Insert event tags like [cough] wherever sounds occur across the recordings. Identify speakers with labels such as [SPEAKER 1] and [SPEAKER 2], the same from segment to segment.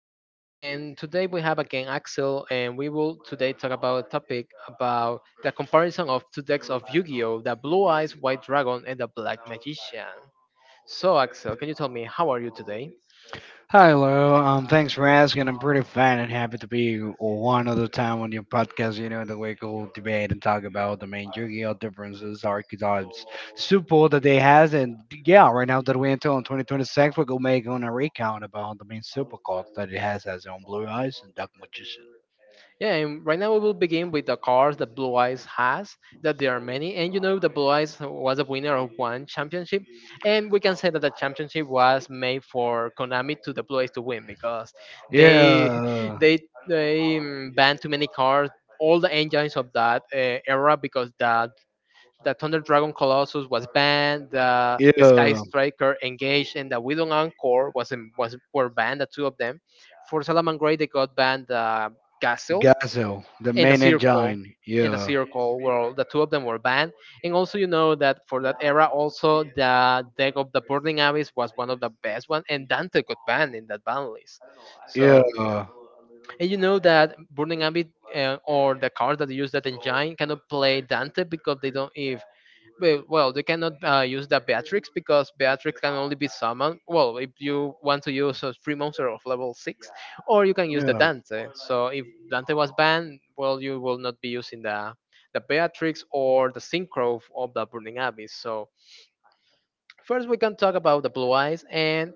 [SPEAKER 1] Leon, and today we have again Axel, and we will today talk about a topic about the comparison of two decks of Yu-Gi-Oh, the Blue Eyes White Dragon and the Black Magician. So, Axel, can you tell me how are you today?
[SPEAKER 2] Hello, thanks for asking. I'm pretty fine and happy to be one other time on your podcast. You know, the we could debate and talk about the main Yu-Gi-Oh differences, archetypes, support that they has, and yeah, right now that we until in 2026, we're gonna make on a recount about the main super card that it has as on Blue Eyes and Dark Magician.
[SPEAKER 1] Yeah, and right now we will begin with the cars that Blue Eyes has, that there are many. And you know, the Blue Eyes was the winner of one championship. And we can say that the championship was made for Konami to the Blue Eyes to win because they
[SPEAKER 2] Yeah,
[SPEAKER 1] [laughs] they they banned too many cars, all the engines of that era because that the Thunder Dragon Colossus was banned, the Sky
[SPEAKER 2] yeah.
[SPEAKER 1] Striker Engage and the Widow Encore was in, was were banned, the two of them. For Salaman Gray they got banned the Gazelle
[SPEAKER 2] Gazelle, the
[SPEAKER 1] and the
[SPEAKER 2] main
[SPEAKER 1] Circle.
[SPEAKER 2] engine.
[SPEAKER 1] And the
[SPEAKER 2] Yeah,
[SPEAKER 1] Circle were the two of them were banned. And also you know that for that era also the deck of the Burning Abyss was one of the best one and Dante got banned in that ban list. So
[SPEAKER 2] yeah,
[SPEAKER 1] and you know that Burning Ambit, or the cards that use that engine cannot play Dante because they don't if well, they cannot use the Beatrix because Beatrix can only be summoned. Well, if you want to use a free monster of level six, or you can use the
[SPEAKER 2] yeah.
[SPEAKER 1] Dante. So if Dante was banned, well, you will not be using the Beatrix or the Synchro of the Burning Abyss. So first we can talk about the Blue Eyes, and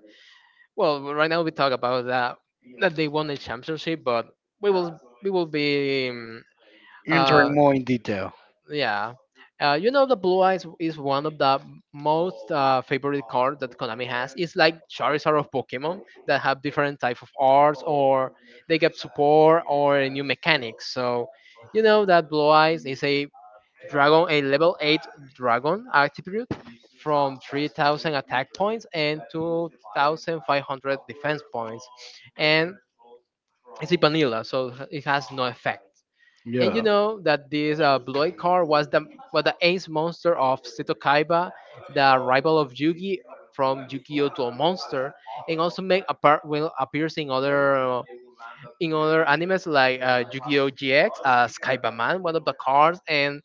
[SPEAKER 1] well, right now we talk about that that they won the championship, but we will be uh,
[SPEAKER 2] Entering more in detail.
[SPEAKER 1] yeah. You know the blue eyes is one of the most favorite cards that Konami has. It's like Charizard of Pokemon that have different type of arts, or they get support or new mechanics. So you know that blue eyes is a Dragon, a level 8 dragon attribute, from 3,000 attack points and 2,500 defense points, and it's a vanilla, so it has no effect. And you
[SPEAKER 2] Yeah.
[SPEAKER 1] know that this Bloid card was the ace monster of Seto Kaiba, the rival of Yugi from Yu-Gi-Oh to a monster, and also make apart will appears in other animes like Yu-Gi-Oh! GX, Kaiba Man, one of the cards, and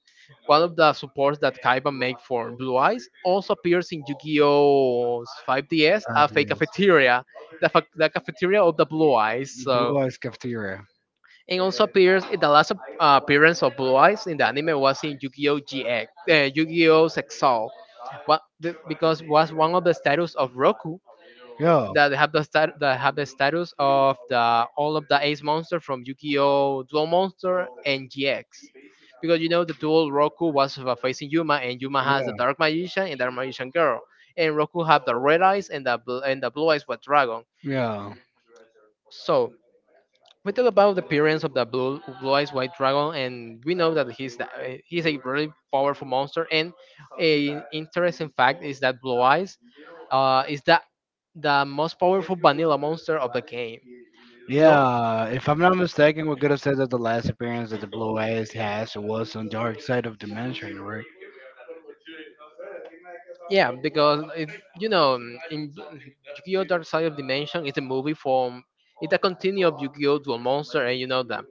[SPEAKER 1] one of the supports that Kaiba make for Blue Eyes, also appears in Yu-Gi-Oh!'s 5DS, a fake
[SPEAKER 2] Obvious.
[SPEAKER 1] cafeteria, the cafeteria of the Blue Eyes.
[SPEAKER 2] Blue
[SPEAKER 1] So,
[SPEAKER 2] Eyes Cafeteria.
[SPEAKER 1] and also appears in the last appearance of Blue Eyes in the anime was in Yu-Gi-Oh! GX, Yu-Gi-Oh! Exile, what the, because was one of the status of Roku
[SPEAKER 2] Yeah,
[SPEAKER 1] that that have the status of the all of the Ace Monster from Yu-Gi-Oh! Duel Monster and GX. Because you know the dual Roku was facing Yuma, and Yuma
[SPEAKER 2] yeah,
[SPEAKER 1] has the Dark Magician and Dark Magician Girl, and Roku have the Red Eyes and and the Blue Eyes White Dragon.
[SPEAKER 2] yeah.
[SPEAKER 1] So we talk about the appearance of the blue eyes white dragon, and we know that he's the, eh, he's a really powerful monster. And a interesting fact is that blue eyes is the most powerful vanilla monster of the game. You know,
[SPEAKER 2] Yeah, if I'm not mistaken, we could have said that the last appearance that the Blue Eyes has was on Dark Side of Dimension, right?
[SPEAKER 1] yeah, because it's, you know, in yu-gi-oh dark side of dimension is a movie from, it's a continue of yu-gi-oh dual monster, and you know the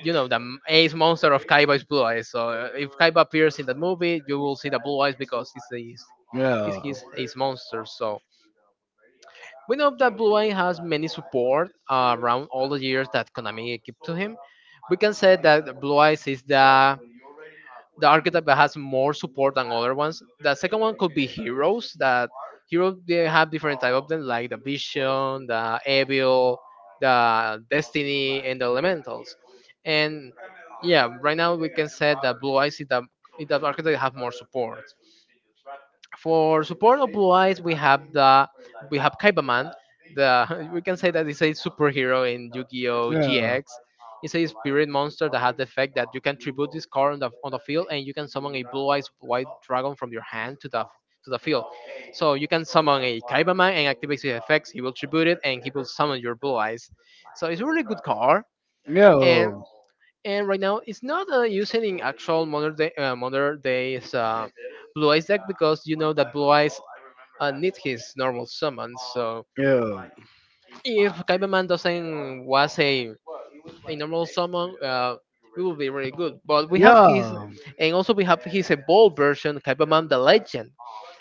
[SPEAKER 1] ace monster of kaiba is blue eyes. So if kaiba appears in that movie, you will see the blue eyes because it's
[SPEAKER 2] Yeah.
[SPEAKER 1] his ace monster. So we know that blue eye has many support around all the years that konami give to him. We can say that blue eyes is the archetype that has more support than other ones. The second one could be heroes. That heroes they have different type of them, like the Vision, the Evil, the Destiny, and the Elementals. And yeah, right now we can say that Blue Eyes is the archetype that have more support. For support of Blue Eyes, we have the we have Kaibaman. The [laughs] we can say that it's a superhero in Yu-Gi-Oh!
[SPEAKER 2] Yeah. Yeah.
[SPEAKER 1] GX. It's a spirit monster that has the effect that you can tribute this card on on the field, and you can summon a blue-eyes white dragon from your hand to the field. So you can summon a Kaibaman and activate his effects. He will tribute it, and he will summon your blue eyes. So it's a really good card, and
[SPEAKER 2] Yeah.
[SPEAKER 1] and right now it's not using in actual modern day, modern days, blue eyes deck, because you know that blue eyes need his normal summon. So
[SPEAKER 2] Yeah.
[SPEAKER 1] if Kaibaman doesn't was a normal summon, it would be really good. But we have his, and also we have his evolved version, Kaibaman the Legend.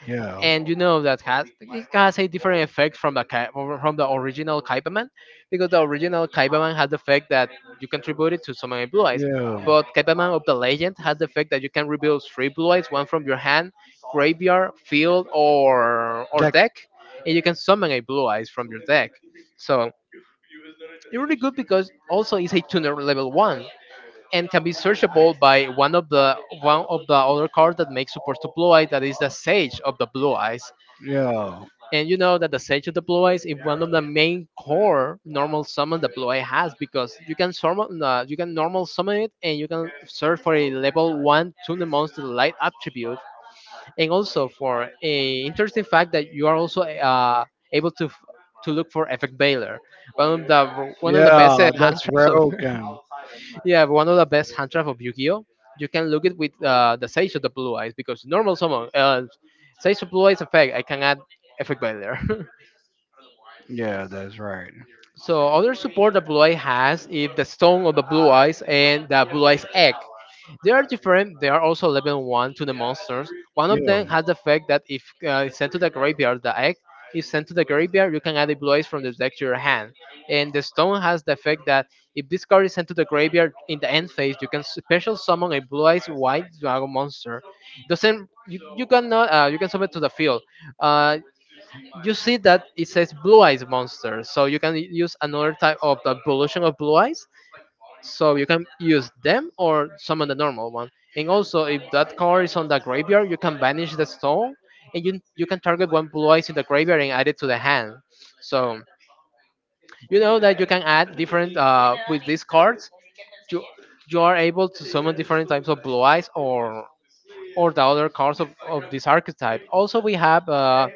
[SPEAKER 2] Yeah.
[SPEAKER 1] And you know that has it has a different effect from from the original Kaipaman, because the original Kaipaman has the effect that you can tribute it to summon many blue eyes,
[SPEAKER 2] Yeah.
[SPEAKER 1] but Kaipaman of the legend has the effect that you can reveal three blue eyes, one from your hand, graveyard, field, or
[SPEAKER 2] That
[SPEAKER 1] deck, and you can summon a blue eyes from your deck. So it's really good because also it's a tuner level one and can be searchable by one of the other cards that makes support to blue eye, that is the sage of the blue eyes.
[SPEAKER 2] Yeah.
[SPEAKER 1] And you know that the Sage deploy is one of the main core normal summon deploy has, because you can summon, you can normal summon it, and you can search for a level one tune monster light attribute, and also for a interesting fact that you are also able to to look for effect Baylor, one of the best
[SPEAKER 2] Yeah,
[SPEAKER 1] hand
[SPEAKER 2] that's
[SPEAKER 1] traps of [laughs]
[SPEAKER 2] Railgun.
[SPEAKER 1] yeah, one of the best hand traps of Yu-Gi-Oh. You can look it with the Sage of the Blue Eyes because normal summon, Sage of Blue Eyes effect I can add effect Baylor. [laughs]
[SPEAKER 2] Yeah, that's right.
[SPEAKER 1] So other support the blue eye has is the stone of the blue eyes and the blue eyes egg. They are different. They are also level one to the monsters. One of
[SPEAKER 2] Yeah.
[SPEAKER 1] them has the fact that if it's sent to the graveyard, the egg is sent to the graveyard, you can add the blue eyes from the deck to your hand. And the stone has the effect that if this card is sent to the graveyard in the end phase, you can special summon a blue eyes white dragon monster. Doesn't you cannot you can summon it to the field. Uh, you see that it says blue eyes monster, so you can use another type of the evolution of blue eyes, so you can use them or summon the normal one. And also if that card is on the graveyard, you can banish the stone, and you can target one blue eyes in the graveyard and add it to the hand. So you know that you can add different with these cards, you you are able to summon different types of blue eyes, or the other cards of this archetype. Also we have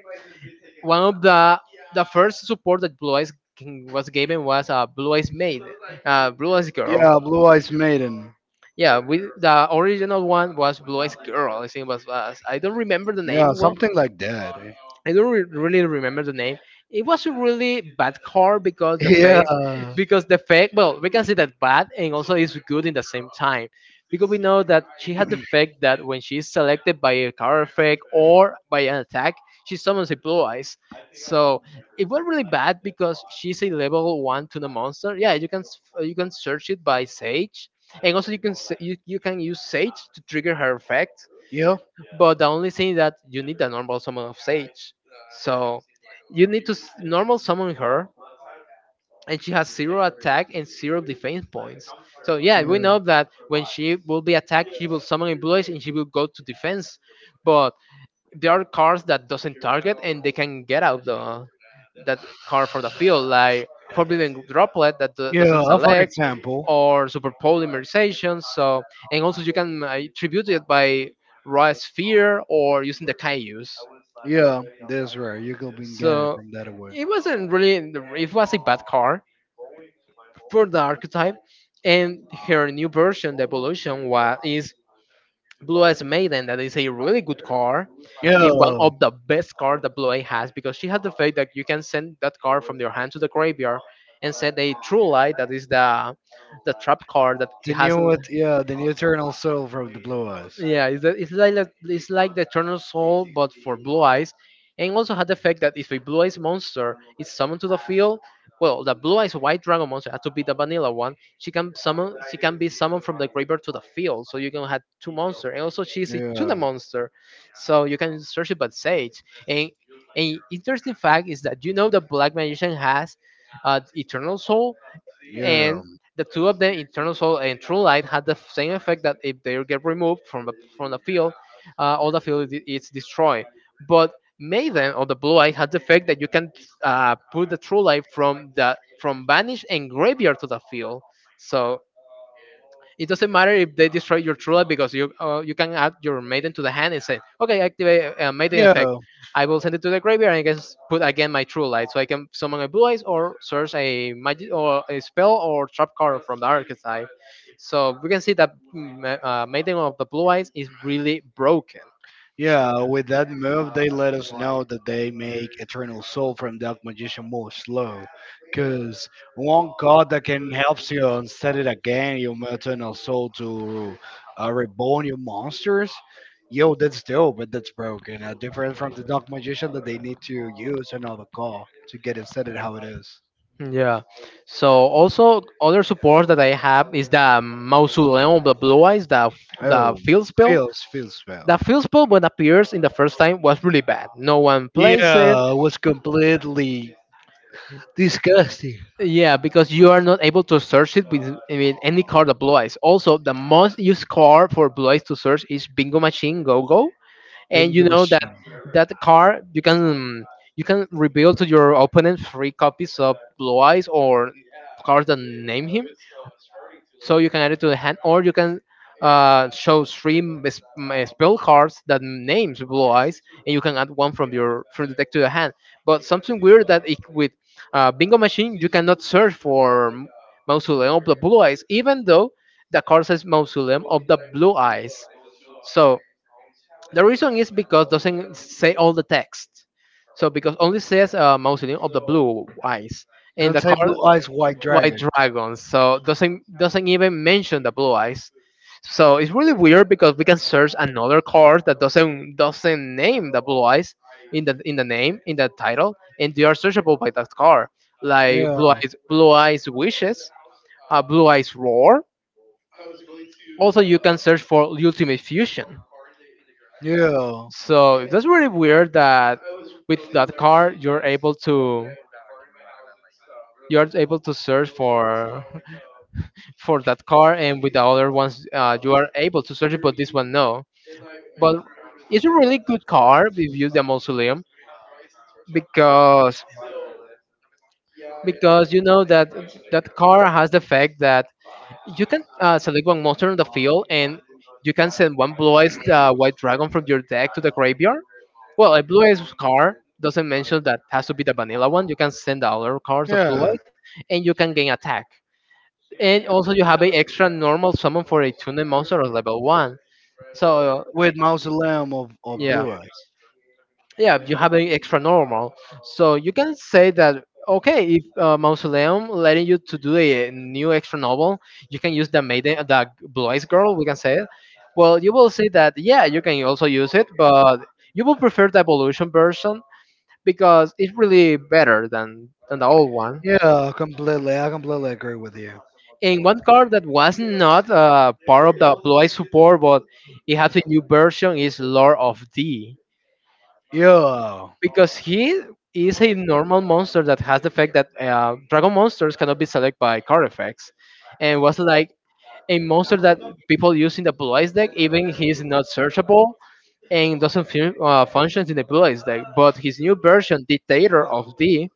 [SPEAKER 1] one of the first support that was given was a Blue Eyes maid, Blue Eyes girl.
[SPEAKER 2] Yeah, Blue Eyes Maiden.
[SPEAKER 1] Yeah, we the original one was Blue Eyes girl. I think was I don't remember the
[SPEAKER 2] Yeah,
[SPEAKER 1] name well.
[SPEAKER 2] something like that. Eh.
[SPEAKER 1] I don't re- really remember the name. It was a really bad car because the
[SPEAKER 2] Yeah.
[SPEAKER 1] fake, because the fake. Well, we can say that bad and also is good in the same time, because we know that she has the fact that when she is selected by a car effect or by an attack, she summons a blue eyes. So it was really bad because she's a level one to the monster. Yeah, you can you can search it by Sage, and also you can you can use Sage to trigger her effect.
[SPEAKER 2] Yep.
[SPEAKER 1] But the only thing that you need a normal summon of Sage. So you need to normal summon her, and she has zero attack and zero defense points. So yeah,
[SPEAKER 2] Yeah.
[SPEAKER 1] we know that when she will be attacked, she will summon in blue eyes and she will go to defense. But there are cars that doesn't target and they can get out the that car from the field, like forbidden droplet that
[SPEAKER 2] Yeah,
[SPEAKER 1] doesn't
[SPEAKER 2] for
[SPEAKER 1] select,
[SPEAKER 2] example.
[SPEAKER 1] or super polymerization. So and also you can tribute it by raw sphere or using the Kaius.
[SPEAKER 2] Yeah, that's right. You're gonna be get it
[SPEAKER 1] So
[SPEAKER 2] from that way.
[SPEAKER 1] it wasn't really it was a bad car for the archetype. And her new version, the evolution, was is. Blue Eyes Maiden, that is a really good car,
[SPEAKER 2] Yeah,
[SPEAKER 1] a one of the best car that Blue Eye has because she has the fact that you can send that car from your hand to the graveyard and send a true light that is the trap car that it has.
[SPEAKER 2] yeah, the new eternal soul from the Blue Eyes.
[SPEAKER 1] Yeah, it's, the, it's like the- it's like the Eternal Soul but for Blue Eyes, and also had the fact that if a Blue Eyes monster is summoned to the field, well, the Blue Eyes White Dragon monster has to be the vanilla one, she can be summoned from the graveyard to the field, so you can have two monsters. And also she's a tuna
[SPEAKER 2] Yeah,
[SPEAKER 1] monster, so you can search it by Sage. And an interesting fact is that, you know, the black magician has eternal soul,
[SPEAKER 2] yeah,
[SPEAKER 1] and the two of them, internal Soul and True Light, had the same effect that if they get removed from the field, all the field is destroyed. But Maiden, or the Blue light, has the effect that you can put the True Light from the from Vanish and Graveyard to the field. So it doesn't matter if they destroy your true light, because you can add your maiden to the hand and say, okay, activate maiden effect.
[SPEAKER 2] yeah.
[SPEAKER 1] I will send it to the graveyard and I can put again my true light, so I can summon a blue eyes or search a magic or a spell or trap card from the archetype. So we can see that maiden of the blue eyes is really broken.
[SPEAKER 2] Yeah, with that move, they let us know that they make Eternal Soul from Dark Magician more slow. Because one card that can help you and set it again, your Eternal Soul to reborn your monsters, yo, that's dope, but that's broken. Different from the Dark Magician that they need to use another card to get it set it how it is.
[SPEAKER 1] Yeah. So also other support that I have is the Mausoleum of the Blue Eyes, the the
[SPEAKER 2] Oh,
[SPEAKER 1] field spell.
[SPEAKER 2] feels spell.
[SPEAKER 1] The first ball when appears in the first time was really bad. No one plays it.
[SPEAKER 2] Yeah, it was completely disgusting.
[SPEAKER 1] Yeah, because you are not able to search it with, I mean, any card of Blue Eyes. Also, the most used card for Blue Eyes to search is Bingo Machine Go Go, and
[SPEAKER 2] Being
[SPEAKER 1] you
[SPEAKER 2] the
[SPEAKER 1] know that
[SPEAKER 2] machine.
[SPEAKER 1] that card you can, you can reveal to your opponent three copies of Blue Eyes or cards that name him. So you can add it to the hand, or you can show three spell cards that names Blue Eyes, and you can add one from your from the deck to the hand. But something weird that it, with Bingo Machine, you cannot search for Mausoleum of the Blue Eyes, even though the card says Mausoleum of the Blue Eyes. So the reason is because doesn't say all the text. So because only says Mausoleum of the Blue Eyes, and
[SPEAKER 2] Don't
[SPEAKER 1] the
[SPEAKER 2] say
[SPEAKER 1] card
[SPEAKER 2] blue eyes white
[SPEAKER 1] white
[SPEAKER 2] dragon.
[SPEAKER 1] dragon, so doesn't even mention the blue eyes. So it's really weird because we can search another card that doesn't name the blue eyes in the name, in the title, and they are searchable by that card, like
[SPEAKER 2] Yeah,
[SPEAKER 1] blue eyes wishes, blue eyes roar. Also you can search for ultimate fusion.
[SPEAKER 2] yeah,
[SPEAKER 1] So that's really weird that with that card you're able to, you're able to search for [laughs] for that car, and with the other ones, you are able to search it, but this one no. But it's a really good car if you use the mausoleum, because you know that that car has the fact that you can select one monster on the field and you can send one blue-eyed white dragon from your deck to the graveyard. Well, a blue-eyed card doesn't mention that has to be the vanilla one. You can send the other cards of blue-eyed
[SPEAKER 2] yeah.
[SPEAKER 1] and you can gain attack. And also you have an extra normal summon for a tuned monster of level 1. So
[SPEAKER 2] With mausoleum of
[SPEAKER 1] yeah,
[SPEAKER 2] blue eyes.
[SPEAKER 1] yeah, you have an extra normal, so you can say that, okay, if mausoleum letting you to do a new extra novel, you can use the maiden, the blue eyes girl, we can say it. Well, you will see that, yeah, you can also use it, but you will prefer the evolution version because it's really better than the old one.
[SPEAKER 2] Yeah, completely. I completely agree with you.
[SPEAKER 1] And one card that was not part of the blue eyes support, but it has a new version, is lord of d,
[SPEAKER 2] Yeah,
[SPEAKER 1] because he is a normal monster that has the effect that dragon monsters cannot be selected by card effects, and was like a monster that people use in the blue eyes deck. Even he is not searchable and doesn't functions in the blue eyes deck. But his new version, Dictator of D,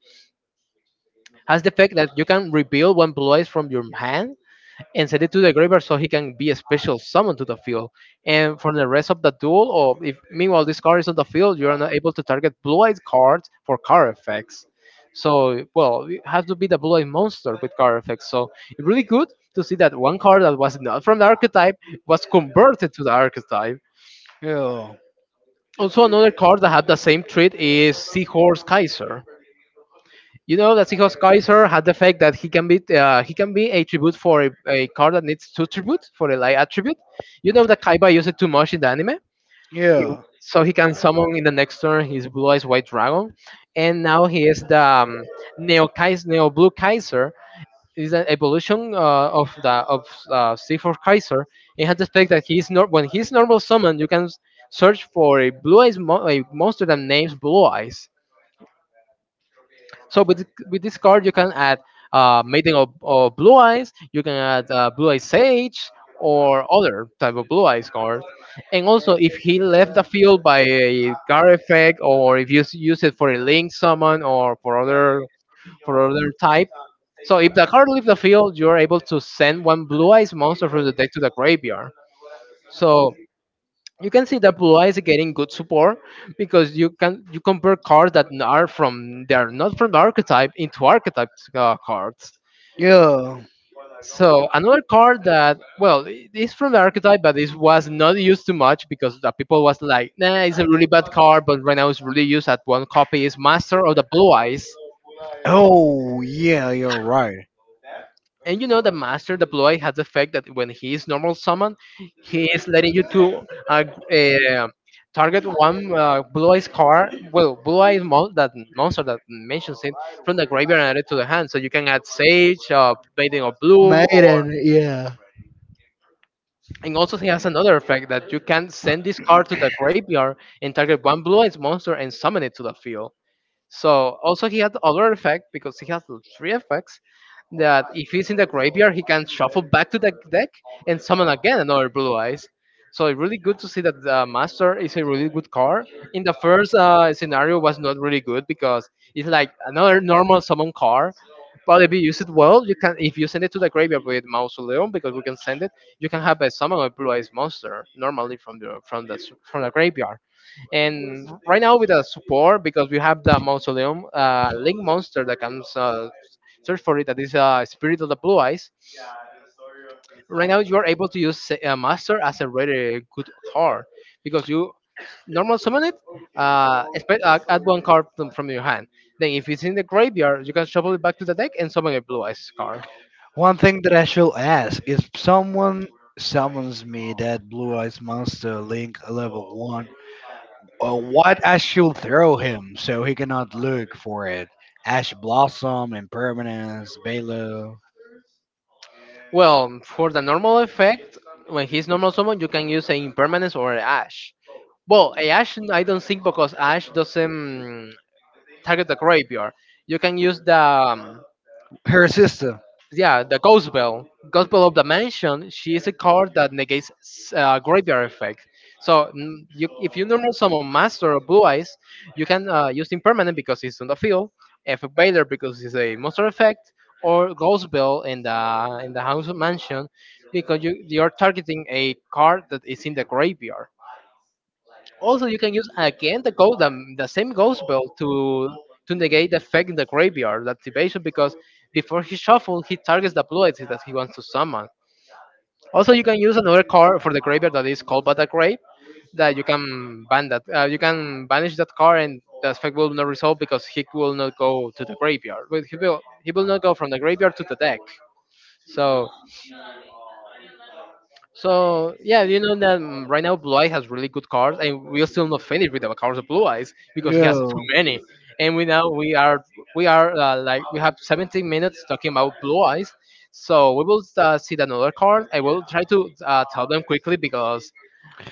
[SPEAKER 1] has the effect that you can reveal one blue eyes from your hand and send it to the Graver, so he can be a special summon to the field. And for the rest of the duel, or if meanwhile this card is on the field, you are not able to target blue eyed cards for card effects. So well, you have to be the blue eyed monster with card effects. So it's really good to see that one card that was not from the archetype was converted to the archetype.
[SPEAKER 2] yeah,
[SPEAKER 1] Also another card that had the same trait is Seahorse Kaiser. You know that because Kaiser had the fact that he can be a tribute for a card that needs two tribute for a light attribute. You know that Kaiba used it too much in the anime. It-
[SPEAKER 2] yeah,
[SPEAKER 1] so he can summon in the next turn his blue eyes white dragon, and now he is the Neo Kaiser, Neo Blue Kaiser. Is an evolution of the of Sea for Kaiser. It has the fact that he's not, when he's normal summoned, you can search for a blue eyes a monster that names blue eyes. So with with this card, you can add Maiden of Blue Eyes. You can add Blue Eyes Sage or other type of Blue Eyes card. And also, if he left the field by a card effect, or if you use it for a Link summon, or for other, for other type. So if the card leaves the field, you're able to send one Blue Eyes monster from the deck to the graveyard. So you can see that Blue is getting good support, because you can, you compare cards that n- are from they are not from archetype into archetype cards.
[SPEAKER 2] yeah.
[SPEAKER 1] So another card that, well, is from the archetype, but it was not used too much because the people was like, nah, it's a really bad card, but right now it's really used at one copy, is Master of the Blue Eyes.
[SPEAKER 2] Oh, yeah, you're right.
[SPEAKER 1] And you know the master deploy has the effect that when he is normal summon, he is letting you to uh, target one blue eyes card, well, blue eyes that monster that mentions it from the graveyard and add it to the hand. So you can add Sage, Bathing of Blue, or
[SPEAKER 2] Maiden, yeah.
[SPEAKER 1] and also he has another effect that you can send this card to the graveyard and target one blue eyes monster and summon it to the field. So also he has other effect, because he has three effects, that if he's in the graveyard, he can shuffle back to the deck and summon again another Blue Eyes. So it's really good to see that the Master is a really good card. In the first scenario, was not really good because it's like another normal summon card. But if you use it well, you can. If you send it to the graveyard with Mausoleum, because we can send it, you can have a summon a Blue Eyes monster normally from the from the from the graveyard. And right now with the support, because we have the mausoleum link monster that comes search for it, that is spirit of the blue eyes. Right now you are able to use master as a really good card, because you normal summon it, expect, add one card from your hand. Then if it's in the graveyard, you can shuffle it back to the deck and summon a blue eyes card.
[SPEAKER 2] One thing that I should ask if someone summons me that Blue Eyes Monster Link level 1. Well, what Ash should throw him so he cannot look for it? Ash Blossom, Impermanence, Balo,
[SPEAKER 1] Well, for the normal effect, when he's normal summon, you can use an impermanence or an ash. Well, a ash I don't think, because ash doesn't target the graveyard. You can use the
[SPEAKER 2] her sister.
[SPEAKER 1] yeah, the ghost bell. Ghost bell of the mansion. She is a card that negates graveyard effect. So if you normal summon master or blue eyes, you can use impermanent because it's on the field, F Baylor because it's a monster effect, or ghost bell in the house of mansion because you are targeting a card that is in the graveyard. Also, you can use again the gold, the same ghost belt to negate the effect in the graveyard, the activation, because before he shuffles, he targets the blue exit that he wants to summon. Also, you can use another card for the graveyard that is called Bata Grave, that you can ban that. You can banish that card, and the effect will not resolve because he will not go to the graveyard. Well, he will not go from the graveyard to the deck. So So yeah, you know that right now Blue Eye has really good cards, and we're still not finished with the cards of Blue Eyes because he has too
[SPEAKER 2] Yeah.
[SPEAKER 1] many. And we now we are like we have 17 minutes talking about Blue Eyes. So we will see another card. I will try to tell them quickly because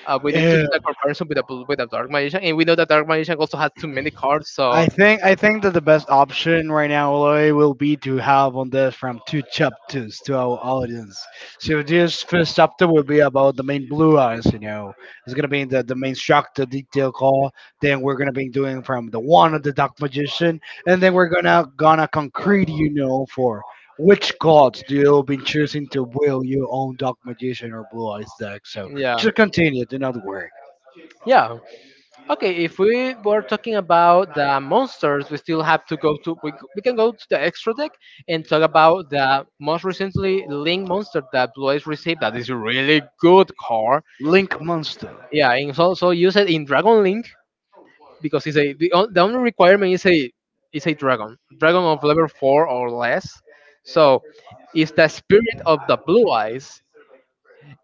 [SPEAKER 1] we need to
[SPEAKER 2] Yeah.
[SPEAKER 1] do the comparison with the Dark Magician, and we know that Dark Magician also has too many cards.
[SPEAKER 2] I
[SPEAKER 1] So
[SPEAKER 2] think I think that the best option right now, Eloy, will be to have on this from two chapters to our audience. So this first chapter will be about the main blue eyes, you know. It's gonna be the main structure detail call. Then we're gonna be doing from the one of the dark magician, and then we're gonna concrete, you know, for which cards do you been choosing to build your own dark magician or blue eyes deck. So
[SPEAKER 1] yeah,
[SPEAKER 2] just continue, do not worry.
[SPEAKER 1] yeah. Okay, if we were talking about the monsters, we still have to go to we can go to the extra deck and talk about the most recently Link monster that Blue Eyes received. That is a really good card.
[SPEAKER 2] Link monster.
[SPEAKER 1] Yeah, and it's also used in Dragon Link because it's a the, on- the only requirement is a dragon, dragon of level four or less. So it's the spirit of the Blue Eyes.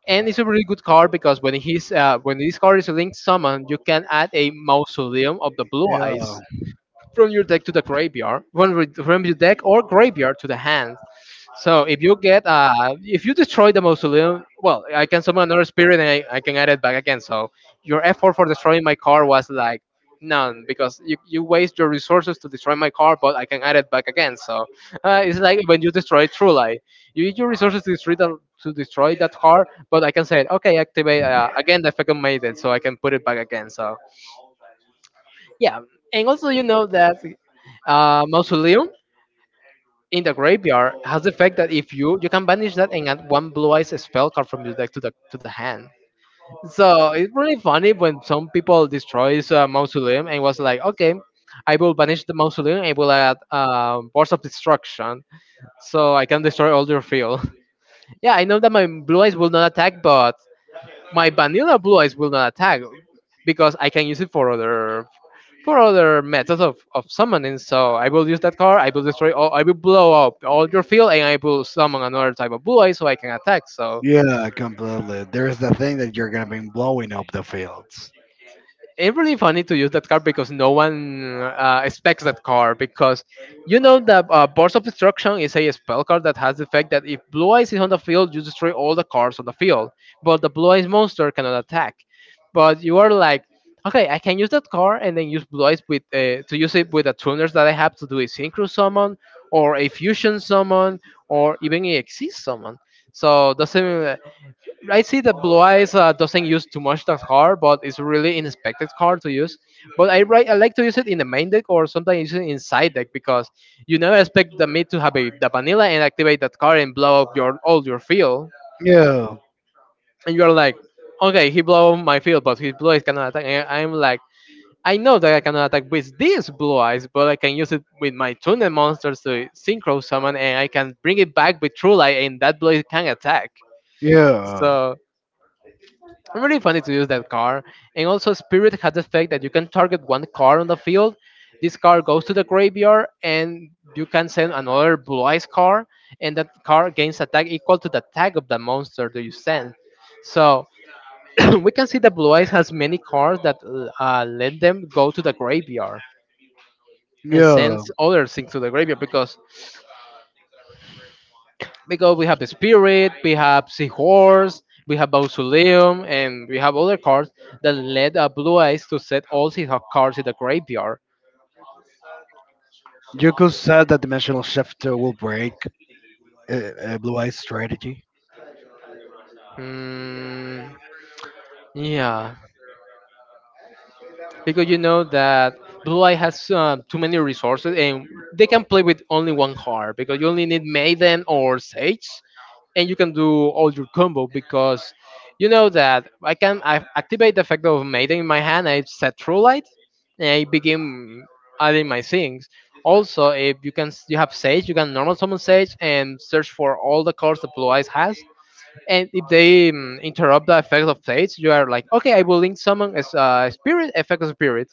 [SPEAKER 1] And it's a really good card because when this card is linked summon, you can add a mausoleum of the blue
[SPEAKER 2] Yeah,
[SPEAKER 1] eyes from your deck to the graveyard, from your deck or graveyard to the hand. So if you get if you destroy the mausoleum, well, I can summon another spirit and I can add it back again. So your effort for destroying my card was like none because you waste your resources to destroy my card, but I can add it back again. So it's like when you destroy True Light, you use your resources to destroy to destroy that card, but I can say okay, activate again the effect on Maiden, so I can put it back again. So yeah, and also you know that mausoleum in the graveyard has the effect that if you can banish that and add one blue eyes spell card from your deck to the hand. So it's really funny when some people destroys a mausoleum and was like, okay, I will banish the mausoleum. I will add force of destruction, so I can destroy all your field. [laughs] Yeah, I know that my blue eyes will not attack, but my vanilla blue eyes will not attack because I can use it for other methods of summoning. So I will use that card. I will destroy all. I will blow up all your field, and I will summon another type of blue eyes so I can attack. So
[SPEAKER 2] yeah, completely. There is the thing that you're gonna be blowing up the fields.
[SPEAKER 1] it's really funny to use that card because no one expects that card because you know that Burst of Destruction is a spell card that has the effect that if Blue Eyes is on the field, you destroy all the cards on the field, but the Blue Eyes monster cannot attack. But you are like, okay, I can use that card and then use Blue Eyes with to use it with the tuners that I have to do a Synchro Summon or a Fusion Summon or even a Exist Summon. So doesn't I see that Blue Eyes doesn't use too much that card, but it's really an expected card to use. But I like to use it in the main deck or sometimes use it in side deck because you never expect the mid to have the vanilla and activate that card and blow up your all your field.
[SPEAKER 2] Yeah,
[SPEAKER 1] And you're like, okay, he blow up my field, but his Blue Eyes cannot attack. And I'm like, I know that I cannot attack with these Blue Eyes, but I can use it with my Tunnel monsters to synchro summon and I can bring it back with True Light and that Blue Eyes can attack.
[SPEAKER 2] yeah,
[SPEAKER 1] So. Really funny to use that car. And also, Spirit has the fact that you can target one car on the field. This car goes to the graveyard, and you can send another blue eyes car, and that car gains attack equal to the tag of the monster that you send. So [coughs] [clears throat] we can see that blue eyes has many cards that let them go to the graveyard and
[SPEAKER 2] yeah.
[SPEAKER 1] sends others into the graveyard because we have the Spirit, we have Seahorse, we have Mausoleum, and we have other cards that led Blue Eyes to set all his cards in the graveyard.
[SPEAKER 2] You could say that dimensional shift will break a blue eye strategy.
[SPEAKER 1] Hmm. Yeah, because you know that Blue Eye has too many resources and they can play with only one card because you only need Maiden or Sage and you can do all your combo because you know that I activate the effect of Maiden in my hand. I set True Light, and I begin adding my things. Also, if you have Sage, you can normal summon Sage and search for all the cards that Blue Eyes has. And if they interrupt the effect of Sage, you are like, okay, I will link summon as a spirit effect of spirit,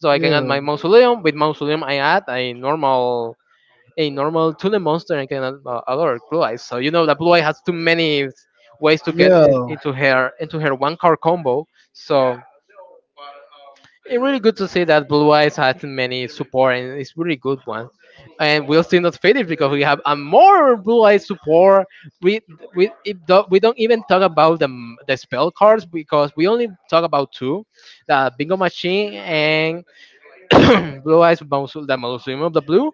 [SPEAKER 1] so I can
[SPEAKER 2] Yeah,
[SPEAKER 1] add my Mausoleum. With Mausoleum, I add a normal Tule monster and can alert Blue Eyes. So you know that Blue Eye has too many ways to
[SPEAKER 2] yeah,
[SPEAKER 1] into her one card combo. So it's really good to see that Blue Eyes has many support and it's really good one. And we'll still not finish because we have a more Blue Eyes support. We we if do, We don't even talk about the spell cards because we only talk about two, the Bingo Machine and [coughs] [clears throat] the Mausoleum of the Blue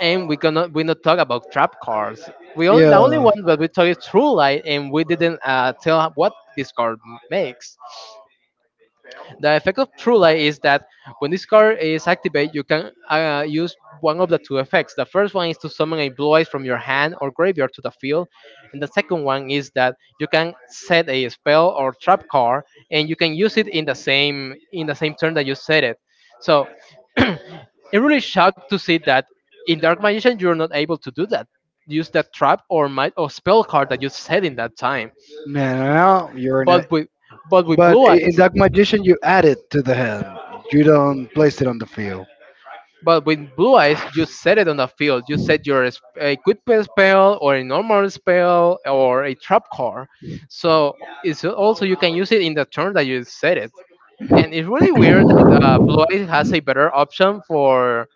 [SPEAKER 1] and we gonna we not talk about trap cards. We only, the
[SPEAKER 2] yeah.
[SPEAKER 1] only one that we talk is True Light, and we didn't tell what this card makes. The effect of True Light is that when this card is activated, you can use one of the two effects. The first one is to summon a blue eyes from your hand or graveyard to the field, and the second one is that you can set a spell or trap card, and you can use it in the same turn that you set it. So [clears throat] it really shocked to see that in Dark Magician you're not able to do that. Use that trap or might or spell card that you said in that time.
[SPEAKER 2] No, no, no, you're in
[SPEAKER 1] But
[SPEAKER 2] it.
[SPEAKER 1] with but with
[SPEAKER 2] But
[SPEAKER 1] blue
[SPEAKER 2] in
[SPEAKER 1] eyes,
[SPEAKER 2] Dark Magician, you add it to the hand. You don't place it on the field.
[SPEAKER 1] but with blue eyes, you set it on the field. You set your a good play spell or a normal spell or a trap card. So it's also you can use it in the turn that you set it. And it's really weird that blue eyes has a better option for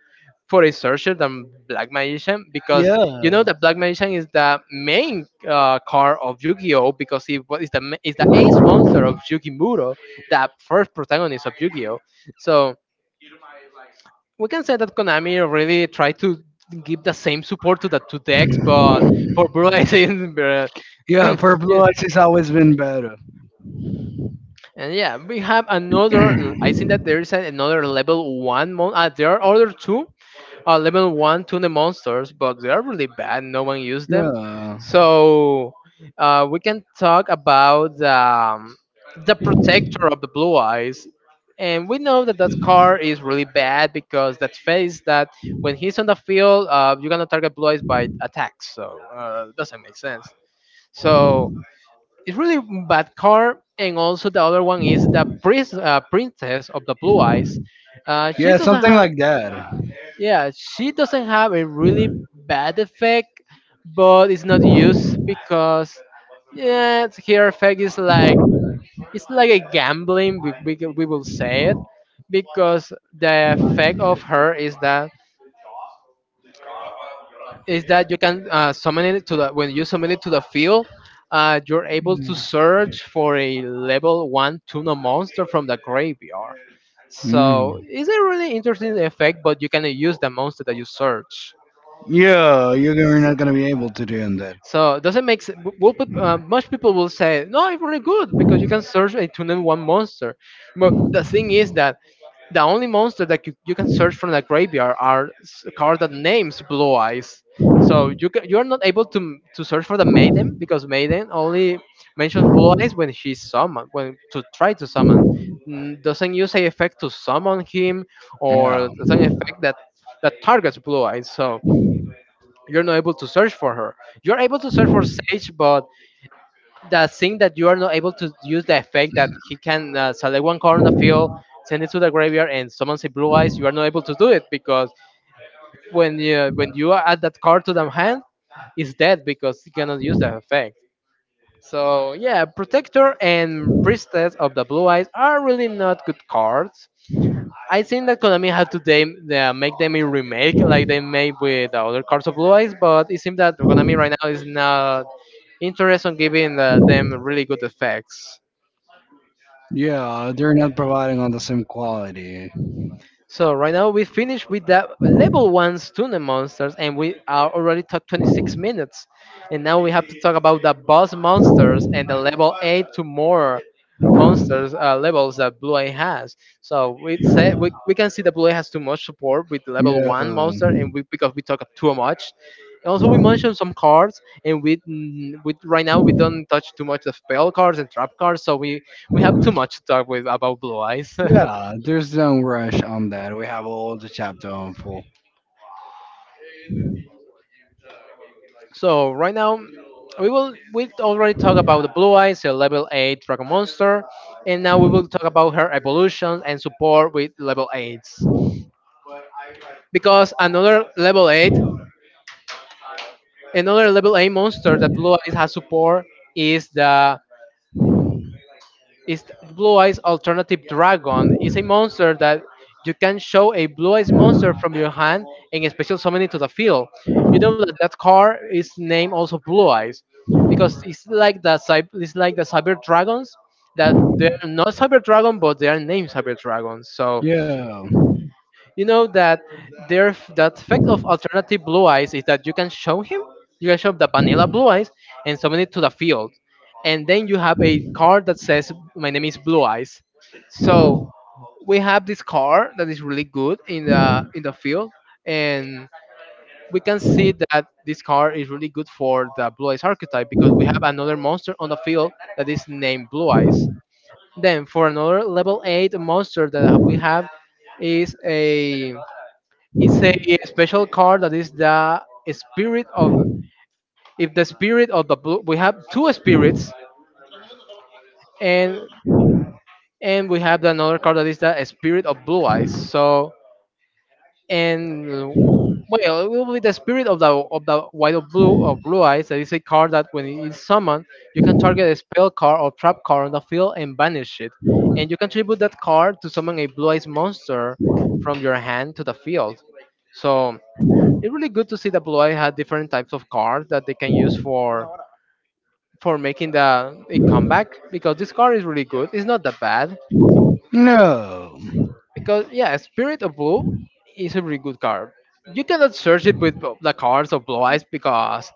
[SPEAKER 1] a sorcerer than black magician because you know
[SPEAKER 2] Yeah.
[SPEAKER 1] that black magician is the main card of Yu-Gi-Oh because it is the ace monster of Yukimuro, the first protagonist of Yu-Gi-Oh. So we can say that Konami really tried to give the same support to the two decks, but for Blue [laughs] I think
[SPEAKER 2] Yeah,
[SPEAKER 1] [clears throat] [coughs]
[SPEAKER 2] Purple
[SPEAKER 1] yeah.
[SPEAKER 2] Ice has always been better.
[SPEAKER 1] And yeah, we have another. I think that there is another level one. Mon- there are other two level one tuna monsters, but they are really bad. No one used them,
[SPEAKER 2] Yeah.
[SPEAKER 1] so we can talk about the protector of the blue eyes. And we know that that car is really bad because that face that when he's on the field, you're gonna target blue eyes by attacks, so doesn't make sense. So it's really bad car. And also the other one is the princess of the blue eyes. She
[SPEAKER 2] Yeah,
[SPEAKER 1] doesn't
[SPEAKER 2] something
[SPEAKER 1] have
[SPEAKER 2] like that.
[SPEAKER 1] yeah, she doesn't have a really bad effect, but it's not used because yeah, her effect is like it's like a gambling. We will say it because the effect of her is that you can summon it to the when you summon it to the field. You're able to search for a level one tuna monster from the graveyard. So
[SPEAKER 2] Mm.
[SPEAKER 1] it's a really interesting effect, but you cannot use the monster that you search.
[SPEAKER 2] Yeah, you're you're not gonna be able to do that.
[SPEAKER 1] So doesn't make sense. Most people will say, "No, it's really good because you can search a tunnel one monster." But the thing is that the only monster that you can search from the graveyard are cards that names Blue Eyes. So you are not able to to search for the Maiden, because Maiden only mentions Blue Eyes when she's summoned, when to try to summon. Doesn't use a effect to summon him, or
[SPEAKER 2] Yeah.
[SPEAKER 1] doesn't effect that that targets Blue Eyes. So you're not able to search for her. You're able to search for Sage, but the thing that you are not able to use the effect that he can select one card on the field, send it to the graveyard, and summon a Blue Eyes. You are not able to do it because when you add that card to the hand, it's dead because he cannot use the effect. So yeah, Protector and Priestess of the Blue Eyes are really not good cards. I think that Konami had to them, make them a remake like they made with the other Cards of Blue Eyes, but it seems that Konami right now is not interested in giving them really good effects.
[SPEAKER 2] Yeah, they're not providing on the same quality.
[SPEAKER 1] So right now we finished with the level one Tuna monsters, and we are already talked 26 minutes, and now we have to talk about the boss monsters and the level eight to more monsters levels that Blue Eye has. So we say we can see that Blue Eye has too much support with the level
[SPEAKER 2] Yeah.
[SPEAKER 1] one monster, and we because we talk too much. And also we mentioned some cards, and we with right now we don't touch too much the spell cards and trap cards, so we have too much to talk with about Blue Eyes. [laughs]
[SPEAKER 2] Yeah, there's no rush on that. We have all the chapter on full.
[SPEAKER 1] So right now, we already talk about the Blue Eyes, a level eight dragon monster, and now we will talk about her evolution and support with level eights. Because another level eight monster that Blue Eyes has support is Blue Eyes Alternative Dragon is a monster that you can show a Blue Eyes monster from your hand and special summon it to the field. You know that that card is named also Blue Eyes, because it's like it's like the Cyber Dragons that they are not Cyber Dragon but they are named Cyber Dragons. So
[SPEAKER 2] Yeah.
[SPEAKER 1] you know that there the effect of Alternative Blue Eyes is that you can show him, you can show the vanilla Blue Eyes and summon it to the field, and then you have a card that says my name is Blue Eyes. So we have this card that is really good in the field, and we can see that this card is really good for the Blue Eyes archetype because we have another monster on the field that is named Blue Eyes. Then for another level eight monster that we have is a special card that is the spirit of if the spirit of the blue, we have two spirits, and and we have another card that is the spirit of Blue Eyes. So and well, it will be the spirit of the white of blue or Blue Eyes. That is a card that when it is summoned, you can target a spell card or trap card on the field and banish it. And you can tribute that card to summon a Blue Eyes monster from your hand to the field. So it's really good to see that Blue Eye had different types of cards that they can use for making the a comeback because this card is really good. It's not that bad
[SPEAKER 2] No.
[SPEAKER 1] because yeah, Spirit of Blue is a really good card. You cannot search it with the cards of Blue Eyes because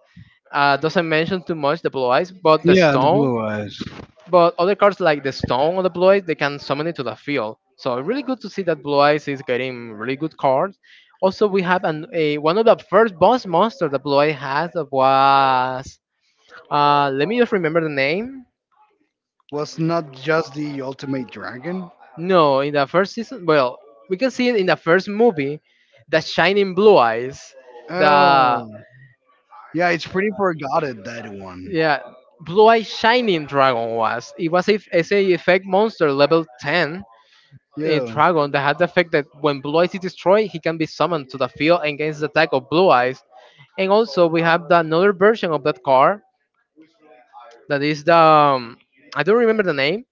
[SPEAKER 1] doesn't mention too much the Blue Eyes, but the
[SPEAKER 2] Yeah, the
[SPEAKER 1] Stone.
[SPEAKER 2] blue eyes
[SPEAKER 1] But other cards like the Stone or the Blue Eyes, they can summon it to the field. So really good to see that Blue Eyes is getting really good cards. Also, we have a one of the first boss monsters that Blue Eye has that was let me just remember the name.
[SPEAKER 2] was not just the ultimate dragon.
[SPEAKER 1] No, in the first season, well, we can see it in the first movie, the Shining Blue Eyes, the
[SPEAKER 2] Oh, yeah, it's pretty forgotten that one.
[SPEAKER 1] yeah, Blue Eyes Shining Dragon was. It was a effect monster level ten in
[SPEAKER 2] Yeah.
[SPEAKER 1] dragon that had the effect that when Blue Eyes is destroyed, he can be summoned to the field against the attack of Blue Eyes. And also we have the another version of that card that is the I don't remember the name,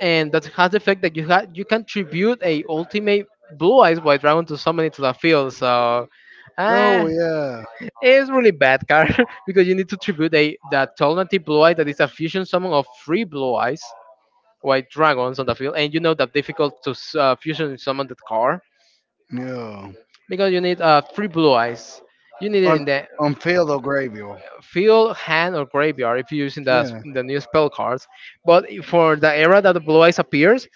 [SPEAKER 1] and that has the effect that you can tribute a ultimate Blue Eyes white dragon to summon it to the field. So uh,
[SPEAKER 2] Oh yeah.
[SPEAKER 1] it's really bad card [laughs] because you need to tribute a that alternative Blue Eye that is a fusion summon of three Blue Eyes white dragons on the field, and you know that difficult to fusion summon that card
[SPEAKER 2] Yeah.
[SPEAKER 1] because you need three Blue Eyes. You need it
[SPEAKER 2] On
[SPEAKER 1] in the
[SPEAKER 2] on Philo Gravio.
[SPEAKER 1] Field, Hand, or Graveyard if you're using
[SPEAKER 2] Yeah.
[SPEAKER 1] the new spell cards. But for the era that the Blue Eyes appears,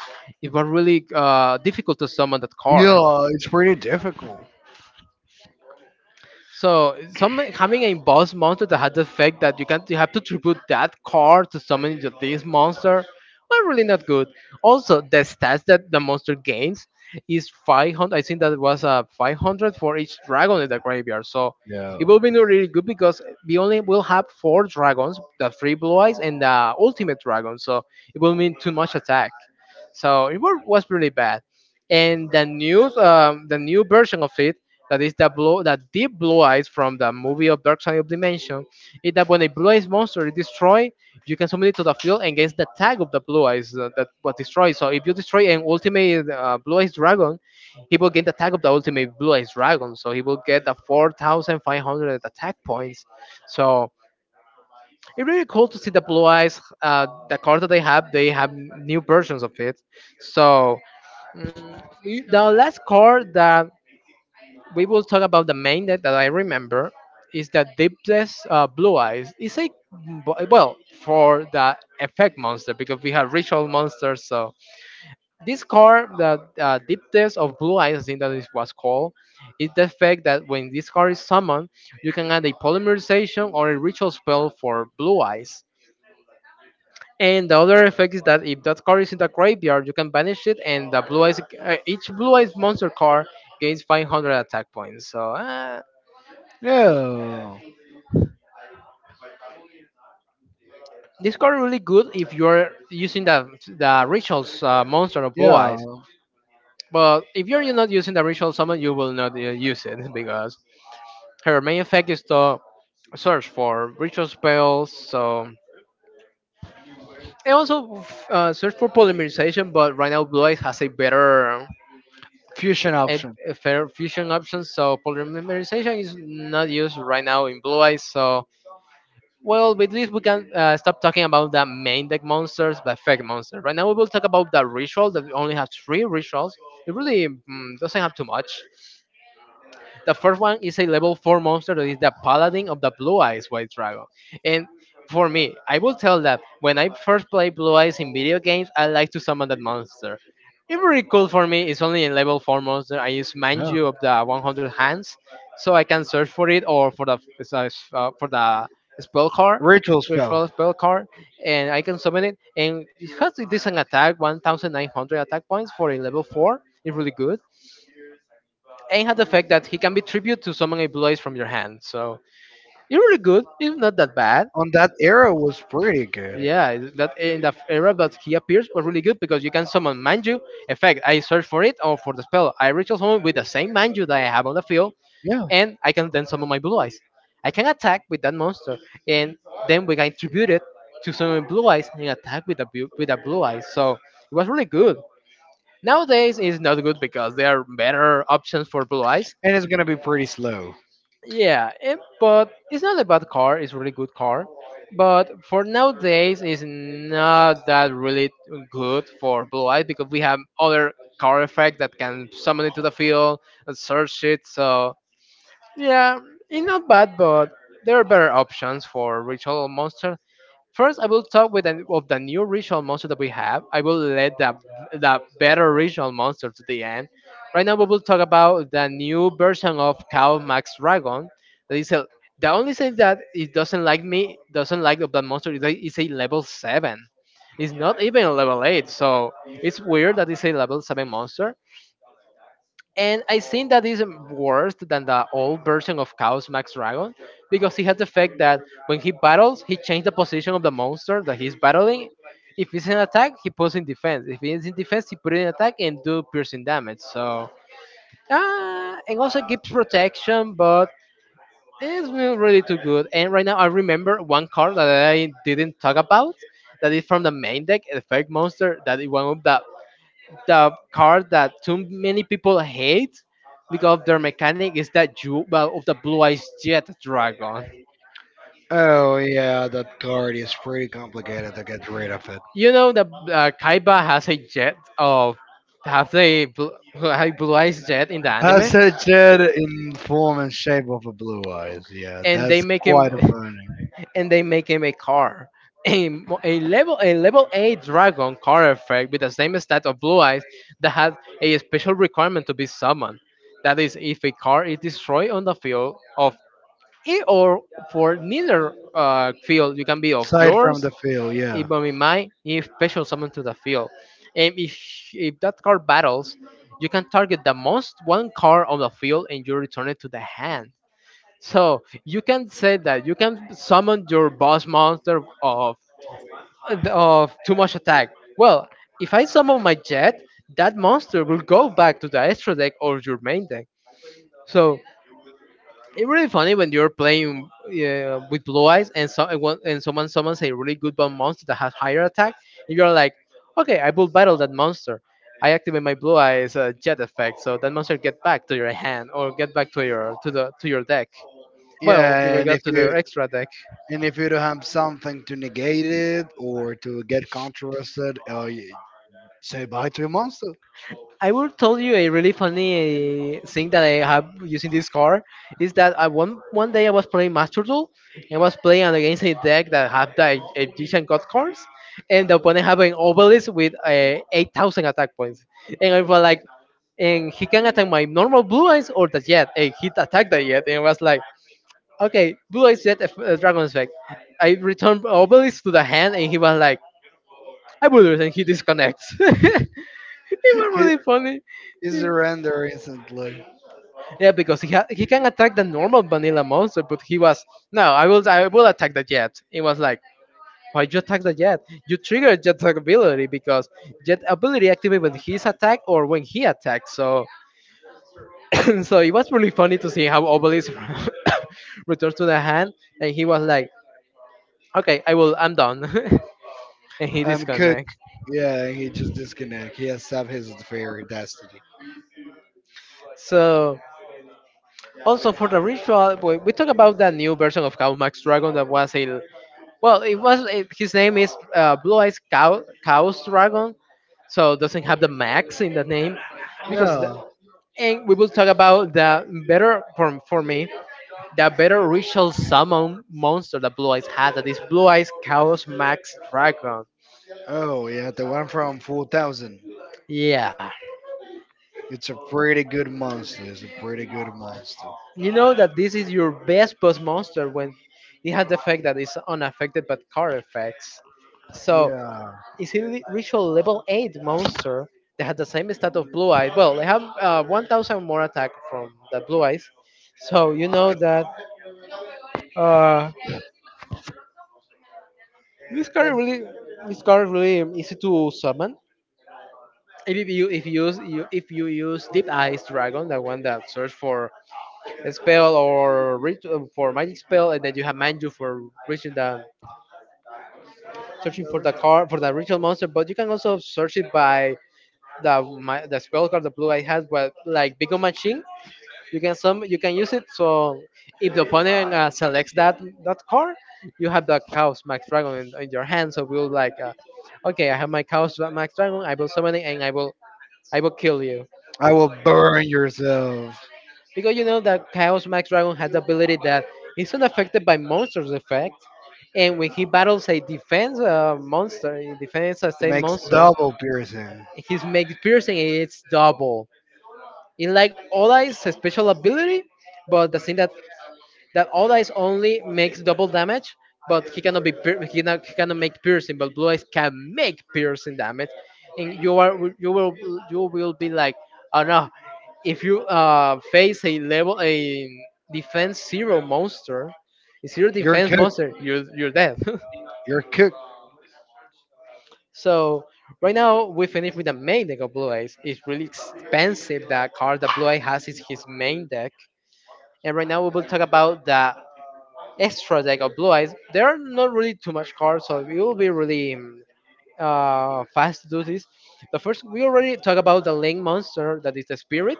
[SPEAKER 1] it was really difficult to summon that card.
[SPEAKER 2] Yeah, it's pretty difficult.
[SPEAKER 1] So summon, having a boss monster that has the effect that you can you have to tribute that card to summon this monster are really not good. Also, the stats that the monster gains is 500. I think that was a 500 for each dragon in the graveyard. So
[SPEAKER 2] Yeah.
[SPEAKER 1] it will be not really good because we only will have four dragons, the three Blue Eyes and the ultimate dragon. So it will mean too much attack. So it was really bad. And the news, the new version of it that is the blue that deep Blue Eyes from the movie of Dark Side of Dimension is that when a Blue Eyes monster is destroyed, you can summon it to the field against the tag of the Blue Eyes that was destroyed. So if you destroy an ultimate Blue Eyes dragon, he will get the tag of the ultimate Blue Eyes dragon. So he will get the 4,500 attack points. So it's really cool to see the Blue Eyes. The card that they have new versions of it. So mm, the last card that we will talk about the main that I remember is the deepest Blue Eyes. It's a well for the effect monster because we have ritual monsters. So this card, the deepest of Blue Eyes, I think that it was called, is the fact that when this card is summoned, you can add a polymerization or a ritual spell for Blue Eyes. And the other effect is that if that card is in the graveyard, you can banish it, and the Blue Eyes, each Blue Eyes monster card gains 500 attack points. So
[SPEAKER 2] Yeah.
[SPEAKER 1] this card really good if you're using the rituals monster of Blue
[SPEAKER 2] Yeah.
[SPEAKER 1] Eyes. But if you're not using the ritual summon, you will not use it [laughs] because her main effect is to search for ritual spells. So and also search for polymerization. But right now, Blue Eyes has a better
[SPEAKER 2] Fusion
[SPEAKER 1] a,
[SPEAKER 2] option.
[SPEAKER 1] a better fusion option. So polymerization is not used right now in Blue Eyes. So well, with this we can stop talking about the main deck monsters, the fake monsters. Right now we will talk about the ritual that we only have three rituals. It really doesn't have too much. The first one is a level four monster that is the paladin of the Blue Eyes White Dragon. And for me, I will tell that when I first play Blue Eyes in video games, I like to summon that monster. It's really cool for me. It's only a level four monster. I use
[SPEAKER 2] Yeah.
[SPEAKER 1] Manju of the 100 hands, so I can search for it or for the uh, for the spell card,
[SPEAKER 2] Ritual
[SPEAKER 1] search for
[SPEAKER 2] spell.
[SPEAKER 1] the spell card, and I can summon it. And it has a decent attack, 1,900 attack points for a level four. It's really good and had the fact that he can be tribute to summon a blaze from your hand. So it's really good. It's not that bad.
[SPEAKER 2] On that era was pretty good.
[SPEAKER 1] Yeah, that in the era that he appears was really good because you can summon Manju. In fact, I search for it or for the spell. I ritual summon with the same Manju that I have on the field,
[SPEAKER 2] Yeah,
[SPEAKER 1] and I can then summon my Blue Eyes. I can attack with that monster, and then we can tribute it to summon Blue Eyes and attack with a Blue Eyes. So it was really good. Nowadays, it's not good because there are better options for Blue Eyes.
[SPEAKER 2] and it's gonna be pretty slow.
[SPEAKER 1] Yeah, but it's not a bad car. It's a really good car. But for nowadays, it's not that really good for Blue Eyes because we have other car effect that can summon it to the field and search it. So yeah, it's not bad, but there are better options for ritual monsters. First, I will talk of the new ritual monster that we have. I will let the better ritual monster to the end. Right now, we will talk about the new version of Cow Max Dragon. That is a, the only thing that it doesn't like me, doesn't like of that monster is that it's a level 7. It's not even a level 8, so it's weird that it's a level 7 monster. And I think that is worse than the old version of Chaos Max Dragon because he had the fact that when he battles, he changed the position of the monster that he's battling. If he's in attack, he puts in defense. If he's in defense, he put in attack and do piercing damage. So, and also gives protection, but it's not really too good. And right now, I remember one card that I didn't talk about that is from the main deck, the fake monster that is one of the car that too many people hate because of their mechanic is that you, well, of the blue eyes jet dragon.
[SPEAKER 2] Oh yeah, that card is pretty complicated to get rid of it.
[SPEAKER 1] You know the Kaiba has a jet of have a blue eyes jet in the anime,
[SPEAKER 2] Has a jet in form and shape of a blue eyes. Yeah,
[SPEAKER 1] and
[SPEAKER 2] that's
[SPEAKER 1] they make him
[SPEAKER 2] quite a funny.
[SPEAKER 1] [laughs] and they make him a car. A level A dragon car effect with the same stat of blue eyes that has a special requirement to be summoned. That is, if a car is destroyed on the field of it or for neither field. You can be of
[SPEAKER 2] Side from
[SPEAKER 1] yours,
[SPEAKER 2] the field.
[SPEAKER 1] it
[SPEAKER 2] Yeah,
[SPEAKER 1] will be mine, if special summon to the field. And if that card battles, you can target the most one card on the field and you return it to the hand. So you can say that you can summon your boss monster of too much attack. Well, if I summon my jet, that monster will go back to the extra deck or your main deck. So it's really funny when you're playing with blue eyes and so and someone summons a really good one monster that has higher attack, and you're like, okay, I will battle that monster. I activate my blue eyes jet effect, so that monster get back to your hand or get back to your to your deck. Well, they
[SPEAKER 2] yeah,
[SPEAKER 1] will
[SPEAKER 2] and if
[SPEAKER 1] get to
[SPEAKER 2] you
[SPEAKER 1] their extra deck.
[SPEAKER 2] don't have something to negate it or to get contrasted, Say bye to a monster.
[SPEAKER 1] I will tell you a really funny thing that I have using this card. Is that I one day I was playing Master Duel, and I was playing against a deck that had the Egyptian God cards, and the opponent have an obelisk with 8,000 attack points, and I was like, and he can attack my normal blue eyes or the jet, and he attacked the jet, and I was like, okay, blue eyes jet dragon effect. I returned obelisk to the hand, and he was like, I will, and he disconnects. [laughs] It was
[SPEAKER 2] [laughs] He
[SPEAKER 1] really funny.
[SPEAKER 2] is surrender instantly.
[SPEAKER 1] Yeah, because he can attack the normal vanilla monster, but he was, no. I will attack the jet. It was like, why you attack the jet? You trigger jet ability because jet ability activates when his attack or when he attacks. So [coughs] so it was really funny to see how Obelisk [coughs] returns to the hand, and he was like, okay, I'm done, [laughs] and he
[SPEAKER 2] Cook.
[SPEAKER 1] disconnects.
[SPEAKER 2] Yeah, he just disconnect. He has saved his fair destiny.
[SPEAKER 1] So also for the ritual, we talk about that new version of Max Dragon that was a, well, it was his name is Blue Eyes Cow Chaos Dragon, so doesn't have the Max in the name, because
[SPEAKER 2] Yeah.
[SPEAKER 1] and we will talk about the better for me, the better ritual summon monster that Blue Eyes had, that is Blue Eyes Chaos Max Dragon.
[SPEAKER 2] Oh, yeah, the one from 4,000.
[SPEAKER 1] Yeah,
[SPEAKER 2] It's a pretty good monster. It's a pretty good monster.
[SPEAKER 1] you know that this is your best boss monster when it has the effect that is unaffected by card effects. So
[SPEAKER 2] Yeah.
[SPEAKER 1] ritual level 8 monster that had the same stat of blue eyes. Well, they have 1,000 more attack from the blue eyes, so you know that, uh, this card really, this card really easy to summon if you if you use deep eyes dragon, the one that search for a spell or for magic spell, and then you have manju for reaching the, searching for the card for the ritual monster. But you can also search it by the spell card the blue eye has, but like big O machine, you can use it. So if the opponent selects that card, you have the chaos max dragon in your hand, so we'll like, okay, I have my chaos max dragon, I will summon it and I will kill you,
[SPEAKER 2] I will burn yourself.
[SPEAKER 1] because you know that chaos max dragon has the ability that it's not affected by monsters effect, and when he battles a defense monster, a defense
[SPEAKER 2] It
[SPEAKER 1] sustained
[SPEAKER 2] makes
[SPEAKER 1] monster,
[SPEAKER 2] double piercing.
[SPEAKER 1] his make piercing and it's double in like all special ability. But the thing that all eyes only makes double damage, but he cannot he cannot make piercing, but blue eyes can make piercing damage, and you will be like, oh no, if you face a defense zero monster, a zero
[SPEAKER 2] You're
[SPEAKER 1] defense
[SPEAKER 2] cooked.
[SPEAKER 1] monster, you're dead. [laughs]
[SPEAKER 2] You're cooked.
[SPEAKER 1] So right now we finish with the main deck of Blue Eyes. It's really expensive. The card that Blue Eye has is his main deck. And right now we will talk about the extras. Like a blue eyes, there are not really too much cars, so it will be really fast to do this. But first, we already talked about the link monster that is the spirit.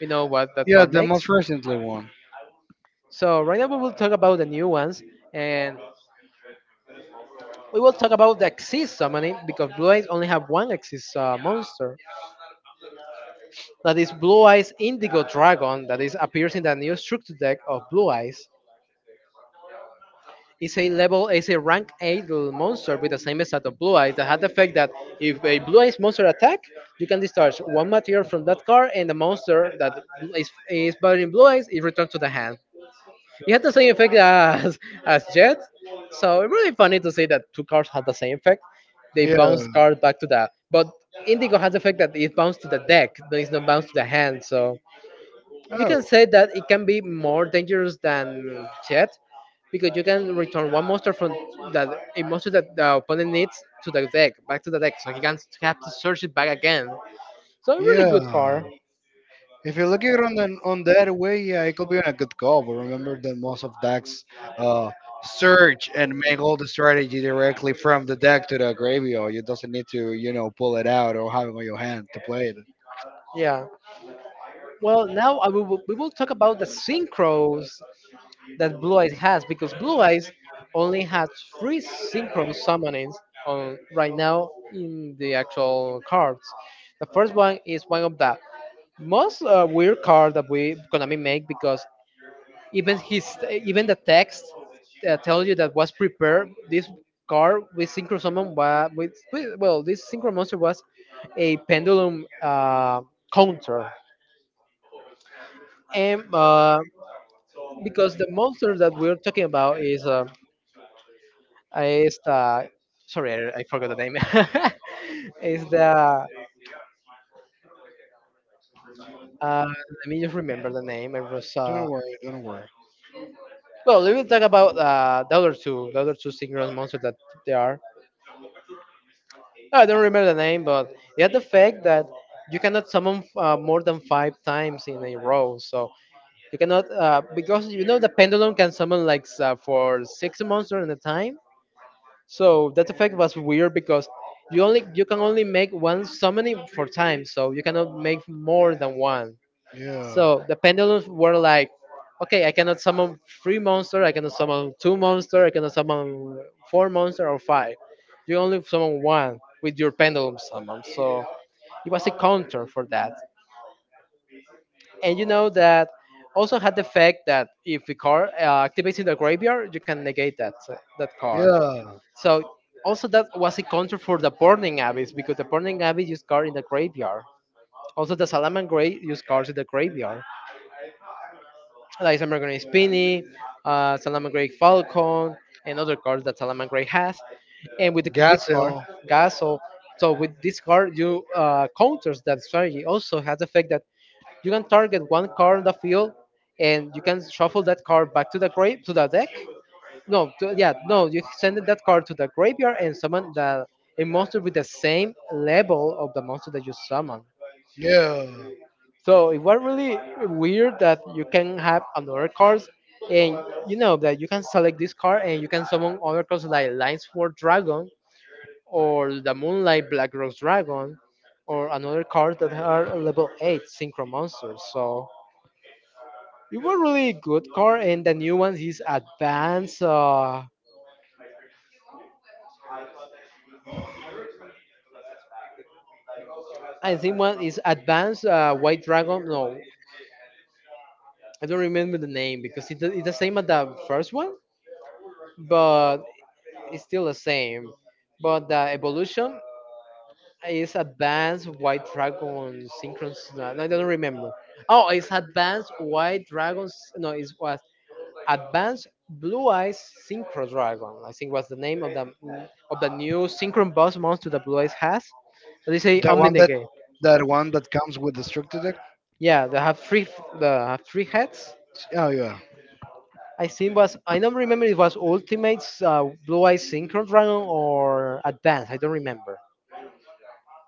[SPEAKER 1] We know what that
[SPEAKER 2] Yeah,
[SPEAKER 1] card
[SPEAKER 2] the
[SPEAKER 1] makes,
[SPEAKER 2] most recently one.
[SPEAKER 1] so right now we will talk about the new ones. And we will talk about the axis summoning because blue eyes only have one axis monster that is blue eyes indigo dragon, that is appears in the new structure deck of blue eyes. Is a level is a rank 8 monster with the same stat of blue eyes, that had the effect that if a blue eyes monster attack, you can discharge one material from that card, and the monster that is battling blue eyes is returned to the hand. It had the same effect as [laughs] as jet. So it's really funny to say that two cards had the same effect. They bounce the
[SPEAKER 2] Yeah.
[SPEAKER 1] card back to the, but indigo has the effect that it bounced to the deck, but it's not bounced to the hand. So you
[SPEAKER 2] Oh,
[SPEAKER 1] can say that it can be more dangerous than Jet, because you can return one monster from that, a monster that the opponent needs to the deck back to the deck, so he can have to search it back again. So a really good
[SPEAKER 2] yeah.
[SPEAKER 1] card.
[SPEAKER 2] If you look at it on that way, yeah, it could be a good call. But remember that most of decks uh, search and make all the strategy directly from the deck to the graveyard. You doesn't need to pull it out or have it on your hand to play it.
[SPEAKER 1] Yeah. Well, now we will talk about the synchros that Blue Eyes has, because Blue Eyes only has three synchro summonings on right now in the actual cards. The first one is one of the most weird card that we gonna be make, because even the text tells you that was prepared this card with synchro summon with well, this synchro monster was a pendulum counter, and, because the monster that we're talking about is the, sorry, I forgot the name. [laughs] Is the, uh, let me just remember the name, it was
[SPEAKER 2] Don't worry, don't worry.
[SPEAKER 1] well, we will talk about the other two, synchronous monsters that there are. I don't remember the name, but it had the fact that you cannot summon more than five times in a row. So you cannot, because you know the pendulum can summon like for six monsters at a time. So that effect was weird because you can only make one summoning for time. So you cannot make more than one.
[SPEAKER 2] Yeah,
[SPEAKER 1] So the pendulums were like, okay, I cannot summon three monster, I cannot summon two monster, I cannot summon four monster or five. You only summon one with your pendulum summon. So it was a counter for that. And you know that also had the fact that if the card activates in the graveyard, you can negate that that card.
[SPEAKER 2] yeah.
[SPEAKER 1] So also that was a counter for the Burning Abyss because the Burning Abyss used card in the graveyard. Also the Salaman Grey used cards in the graveyard, like Salmon Grey Spinny, Salmon Grey Falcon, and other cards that Salmon Grey has. And with this card,
[SPEAKER 2] Gazelle.
[SPEAKER 1] Gasol. So with this card, you counters that strategy. Also has the effect that you can target one card on the field, and you can shuffle that card back to the grave to the deck. No, to, yeah, no, you send that card to the graveyard and summon the a monster with the same level of the monster that you summon.
[SPEAKER 2] Yeah,
[SPEAKER 1] So it was really weird that you can have another cards and you know that you can select this card and you can summon other cards like Lines for Dragon or the Moonlight Black Rose Dragon or another card that are level 8 Synchro Monsters. So it was really good card and the new one is Advanced I think one is Advanced White Dragon, no, I don't remember the name because it's the same as the first one, but it's still the same, but the evolution is advanced white dragon synchronous. No, no, I don't remember. Oh, it's advanced white dragons. No, it was advanced blue eyes synchro dragon. I think was the name of the new synchro boss monster that blue eyes has. They say
[SPEAKER 2] that one that
[SPEAKER 1] Omninege.
[SPEAKER 2] that one that comes with the structure deck.
[SPEAKER 1] Yeah, they have three. They have three heads.
[SPEAKER 2] Oh yeah.
[SPEAKER 1] I think was, I don't remember, it was Ultimates, Blue Eyes Synchro Dragon or Advance. I don't remember.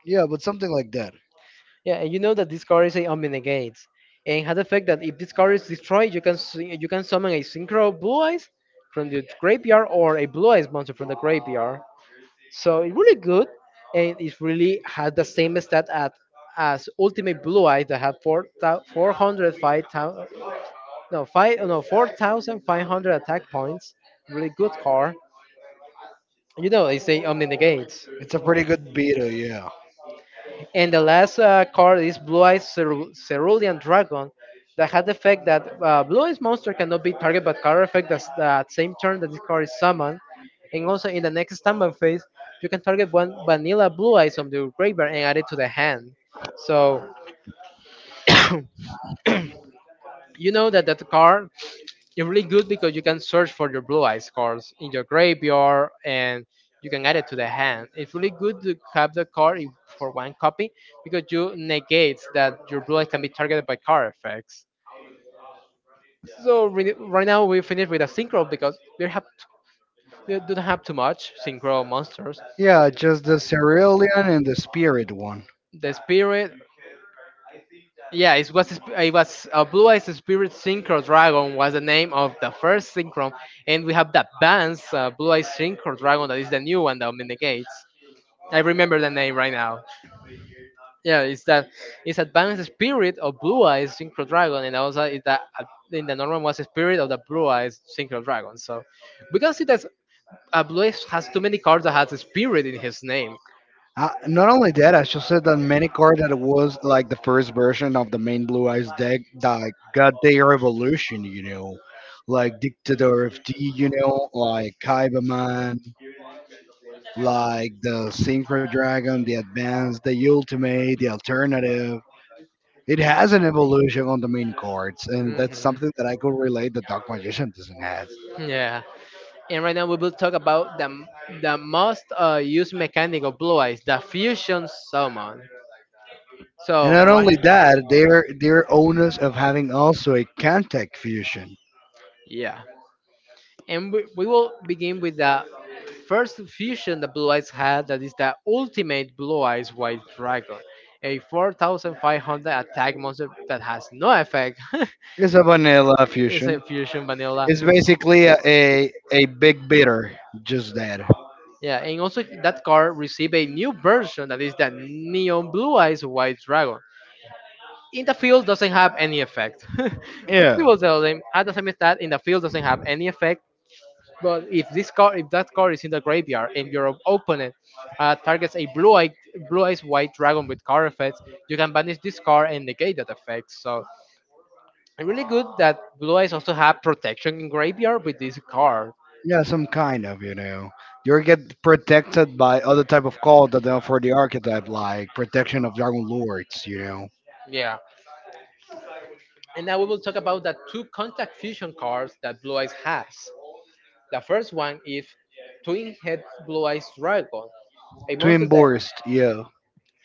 [SPEAKER 2] Yeah, but something like that.
[SPEAKER 1] Yeah, and you know that this card is a Omnigate, and had the fact that if this card is destroyed, you can you can summon a Synchro Blue Eyes from the graveyard or a Blue Eyes monster from the graveyard. So it's really good, and it really has the same stat at as Ultimate Blue Eyes that have 405, no five, no 4,500 attack points. Really good card. You know, it's a Omnigate.
[SPEAKER 2] It's a pretty good beta, yeah.
[SPEAKER 1] And the last card is Blue Eyes Cerulean Dragon that had the effect that Blue Eyes Monster cannot be targeted by card effect that's that same turn that this card is summoned. And also in the next standby phase, you can target one vanilla Blue Eyes on the graveyard and add it to the hand. So you know that that card it's really good because you can search for your blue eyes cards in your graveyard and you can add it to the hand. It's really good to have the card for one copy because you negate that your blue eyes can be targeted by card effects. So right now we finish with a synchro because we don't have too much synchro monsters.
[SPEAKER 2] Yeah, just the Cerulean and the Spirit one.
[SPEAKER 1] The spirit, yeah, it was a blue eyes spirit synchro dragon was the name of the first synchro, and we have the advanced blue eyes synchro dragon that is the new one that mitigates. I remember the name right now. Yeah, it's that it's advanced spirit of blue eyes synchro dragon, and also it's that in the normal was spirit of the blue eyes synchro dragon. So we can see that a blue eyes has too many cards that has a spirit in his name.
[SPEAKER 2] Not only that, I should say that many card that was like the first version of the main Blue Eyes deck that got their evolution, like Dictator of D, like Kaibaman,
[SPEAKER 1] the,
[SPEAKER 2] like the Synchro Dragon, the Advanced, the Ultimate, the Alternative. It has an evolution on the main cards, and that's
[SPEAKER 1] Mhm.
[SPEAKER 2] something that I could relate the Dark Magician doesn't have.
[SPEAKER 1] Yeah. And right now we will talk about the most used mechanic of Blue Eyes, the fusion summon.
[SPEAKER 2] And
[SPEAKER 1] So
[SPEAKER 2] not
[SPEAKER 1] right.
[SPEAKER 2] only that, they're owners of having also a contact fusion.
[SPEAKER 1] Yeah. And we will begin with the first fusion the Blue Eyes had that is the ultimate Blue Eyes White Dragon, a 4500 attack monster that has no effect. [laughs]
[SPEAKER 2] It's a vanilla
[SPEAKER 1] It's a
[SPEAKER 2] fusion.
[SPEAKER 1] fusion vanilla.
[SPEAKER 2] It's basically a big bitter, just that.
[SPEAKER 1] Yeah, and also that card received a new version that is the Neon Blue Eyes White Dragon, in the field doesn't have any effect. [laughs] We
[SPEAKER 2] Yeah.
[SPEAKER 1] will tell them at the same that in the field doesn't have any effect. But if that card is in the graveyard and your opponent targets a blue eyes white dragon with card effects, you can banish this card and negate that effect. So really good that blue eyes also have protection in graveyard with this card.
[SPEAKER 2] Yeah, some kind of, you know. You get protected by other type of call that are for the archetype, like protection of Dragon Lords.
[SPEAKER 1] Yeah. And now we will talk about the two contact fusion cards that Blue Eyes has. The first one is Twin Head Blue Eyes Dragon, a monster
[SPEAKER 2] Twin
[SPEAKER 1] that
[SPEAKER 2] Burst, yeah.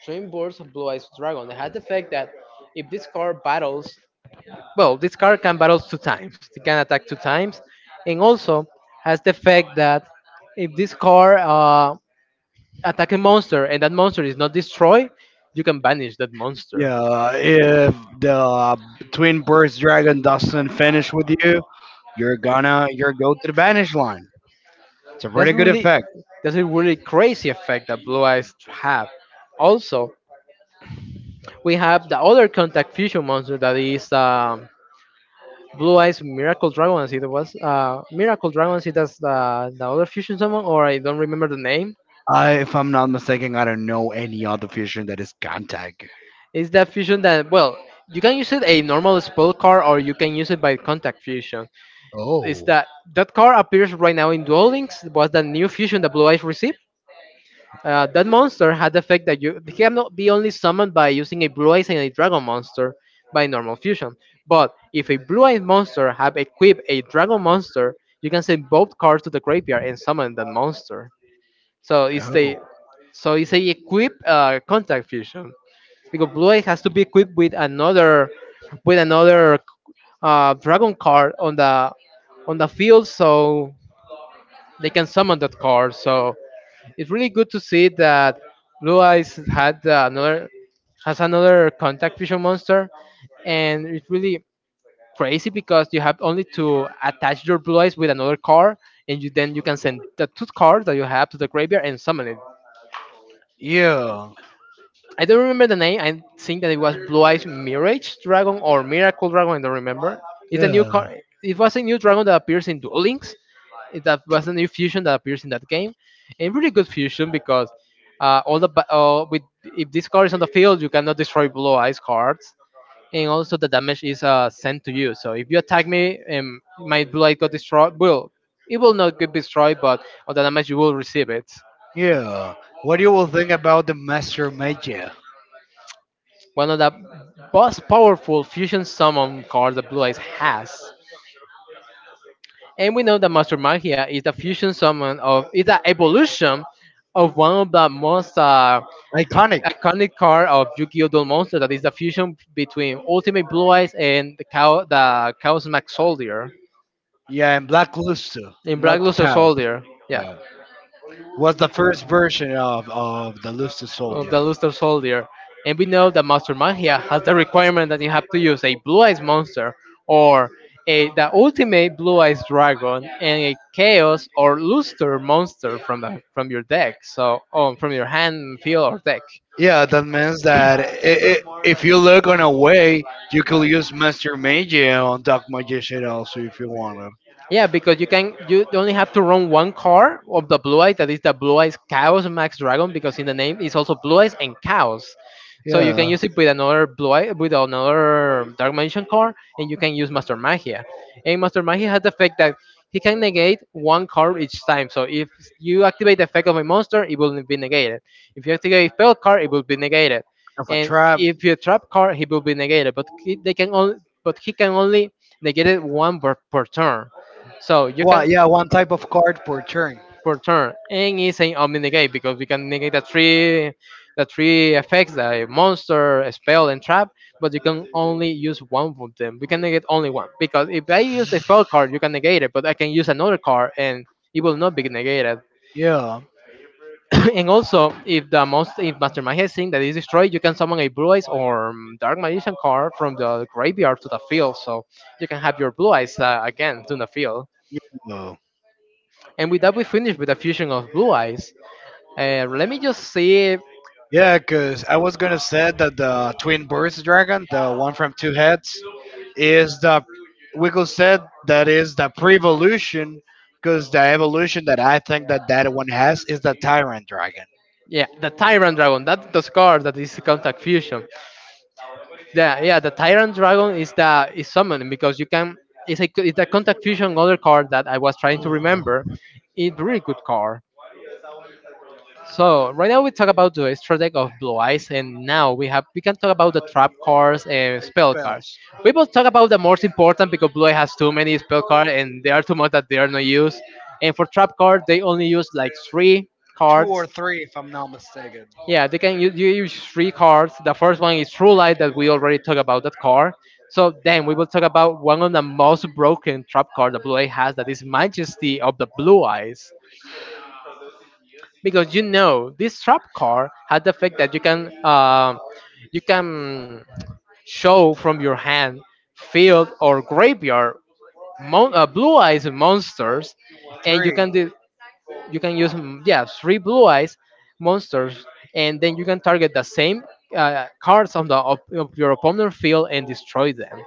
[SPEAKER 1] Twin Birds of Blue Eyes Dragon has the effect that if this card battles, well, this card can battle two times. It can attack two times, and also has the effect that if this card attack a monster and that monster is not destroyed, you can banish that monster.
[SPEAKER 2] Yeah, if the Twin Burst Dragon doesn't finish with you, you're go to the banish line. It's a
[SPEAKER 1] That's
[SPEAKER 2] pretty good
[SPEAKER 1] really
[SPEAKER 2] effect.
[SPEAKER 1] that's a really crazy effect that Blue Eyes have. Also, we have the other contact fusion monster that is Blue Eyes Miracle Dragon, as it was. Miracle Dragon, it as the other fusion summon, or I don't remember the name.
[SPEAKER 2] If I'm not mistaken, I don't know any other fusion that is contact.
[SPEAKER 1] It's that fusion that, well, you can use it a normal spell card or you can use it by contact fusion. It's
[SPEAKER 2] Oh,
[SPEAKER 1] that that card appears right now in Duel Links. It was the new fusion that Blue Eyes received. That monster had the effect that you he cannot be only summoned by using a Blue Eyes and a Dragon monster by normal fusion. But if a Blue Eyes monster have equipped a Dragon monster, you can send both cards to the graveyard and summon that monster. So it's a
[SPEAKER 2] oh,
[SPEAKER 1] so it's a equip contact fusion because Blue Eye has to be equipped with another dragon card on the field, so they can summon that card. So it's really good to see that Blue Eyes had another has another contact fusion monster, and it's really crazy because you have only to attach your Blue Eyes with another card, and you then you can send the two cards that you have to the graveyard and summon it.
[SPEAKER 2] yeah,
[SPEAKER 1] I don't remember the name. I think that it was Blue Eyes Mirage Dragon or Miracle Dragon. I don't remember. It's a new
[SPEAKER 2] yeah,
[SPEAKER 1] car. It was a new dragon that appears in Duel Links. That was a new fusion that appears in that game, and really good fusion because with if this card is on the field, you cannot destroy Blue Eyes cards, and also the damage is sent to you. So if you attack me, my Blue Eyes got destroyed. Will It will not get destroyed, but all the damage you will receive it.
[SPEAKER 2] yeah. What do you will think about the Master Magia?
[SPEAKER 1] One of the most powerful fusion summon cards that Blue Eyes has. And we know that Master Magia is the evolution of one of the most
[SPEAKER 2] Iconic.
[SPEAKER 1] iconic card of Yu-Gi-Oh! Duel Monster that is the fusion between Ultimate Blue Eyes and the Chaos Max Soldier
[SPEAKER 2] Yeah, and Black Luster,
[SPEAKER 1] in Black
[SPEAKER 2] not
[SPEAKER 1] Luster
[SPEAKER 2] Taos.
[SPEAKER 1] Soldier. Yeah.
[SPEAKER 2] Was the first version of the lifted
[SPEAKER 1] Of
[SPEAKER 2] soldier.
[SPEAKER 1] the Luster Soldier. And we know that Master Magia has the requirement that you have to use a Blue Eyes Monster or the ultimate Blue Eyes Dragon and a Chaos or Luster Monster from your deck, so from your hand, field, or deck.
[SPEAKER 2] Yeah, that means that I if you look on a way, you could use Master Magia on Dark Magician also if you wanted.
[SPEAKER 1] Yeah, because you only have to run one car of the blue eyes that is the blue eyes chaos max dragon because in the name it's also blue eyes and chaos. So you can
[SPEAKER 2] Yeah.
[SPEAKER 1] use it with another blue eye, with another dark mansion car and you can use master magia. And master magia has the effect that he can negate one card each time. So if you activate the effect of a monster, it will be negated. If you activate spell card, it will be negated,
[SPEAKER 2] Of a
[SPEAKER 1] and
[SPEAKER 2] trap.
[SPEAKER 1] if you trap card, he will be negated. But he can only negate it per turn. So you
[SPEAKER 2] Well,
[SPEAKER 1] can
[SPEAKER 2] yeah, one type of card per turn.
[SPEAKER 1] per turn, and it's an omni negate because we can negate the three effects: the monster, a spell, and trap. But you can only use one of them. We can negate only one because if I use a spell card, you can negate it, but I can use another card and it will not be negated.
[SPEAKER 2] Yeah.
[SPEAKER 1] [coughs] And also, if the most if Mastermind has seen that is destroyed, you can summon a Blue Eyes or Dark Magician card from the graveyard to the field, so you can have your Blue Eyes again to the field.
[SPEAKER 2] Yeah.
[SPEAKER 1] And with that, we finish with the fusion of Blue Eyes. Let me just see.
[SPEAKER 2] Yeah, because I was gonna say that the twin birds dragon, the one from two heads, is the we could say that is the pre-evolution, because the evolution that I think that that one has is the tyrant dragon.
[SPEAKER 1] Yeah, the Tyrant Dragon. That's the card that is contact fusion. Yeah, yeah. The Tyrant Dragon is the is summoning because you can. It's a contact fusion other card that I was trying to remember.
[SPEAKER 2] Ooh,
[SPEAKER 1] It's really good card. So right now we talk about the strategy of Blue Eyes, and now we can talk about the trap cards and
[SPEAKER 2] it
[SPEAKER 1] spell cards.
[SPEAKER 2] spells
[SPEAKER 1] We will talk about the most important because Blue Eye has too many spell cards, and there are too much that they are not used. And for trap cards, they only use like three
[SPEAKER 2] two or
[SPEAKER 1] cards.
[SPEAKER 2] three, if I'm not mistaken.
[SPEAKER 1] Yeah, they can use, you use three cards. The first one is True Light that we already talked about that card. So then we will talk about one of the most broken trap cards that Blue Eye has, that is Majesty of the Blue Eyes, because you know this trap card had the effect that you can show from your hand, field, or graveyard, blue eyes monsters, and
[SPEAKER 2] Three, and
[SPEAKER 1] you can use yeah, three blue eyes monsters, and then you can target the same cards on the of your opponent field and destroy them.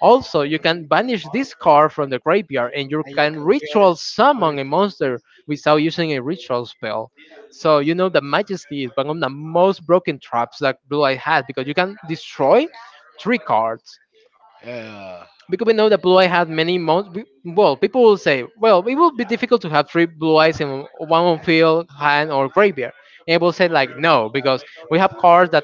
[SPEAKER 1] Also, you can banish this card from the graveyard and you
[SPEAKER 2] you
[SPEAKER 1] can
[SPEAKER 2] could get
[SPEAKER 1] ritual summon
[SPEAKER 2] three.
[SPEAKER 1] a monster without using a ritual spell. So you know that majesty is one of the most broken traps that blue eye has because you can destroy three cards,
[SPEAKER 2] Yeah.
[SPEAKER 1] because we know that blue eye had many months. Well, people will say, well, it will be difficult to have three blue eyes in one on field, hand, or graveyard. And I will say like, no, because we have cards that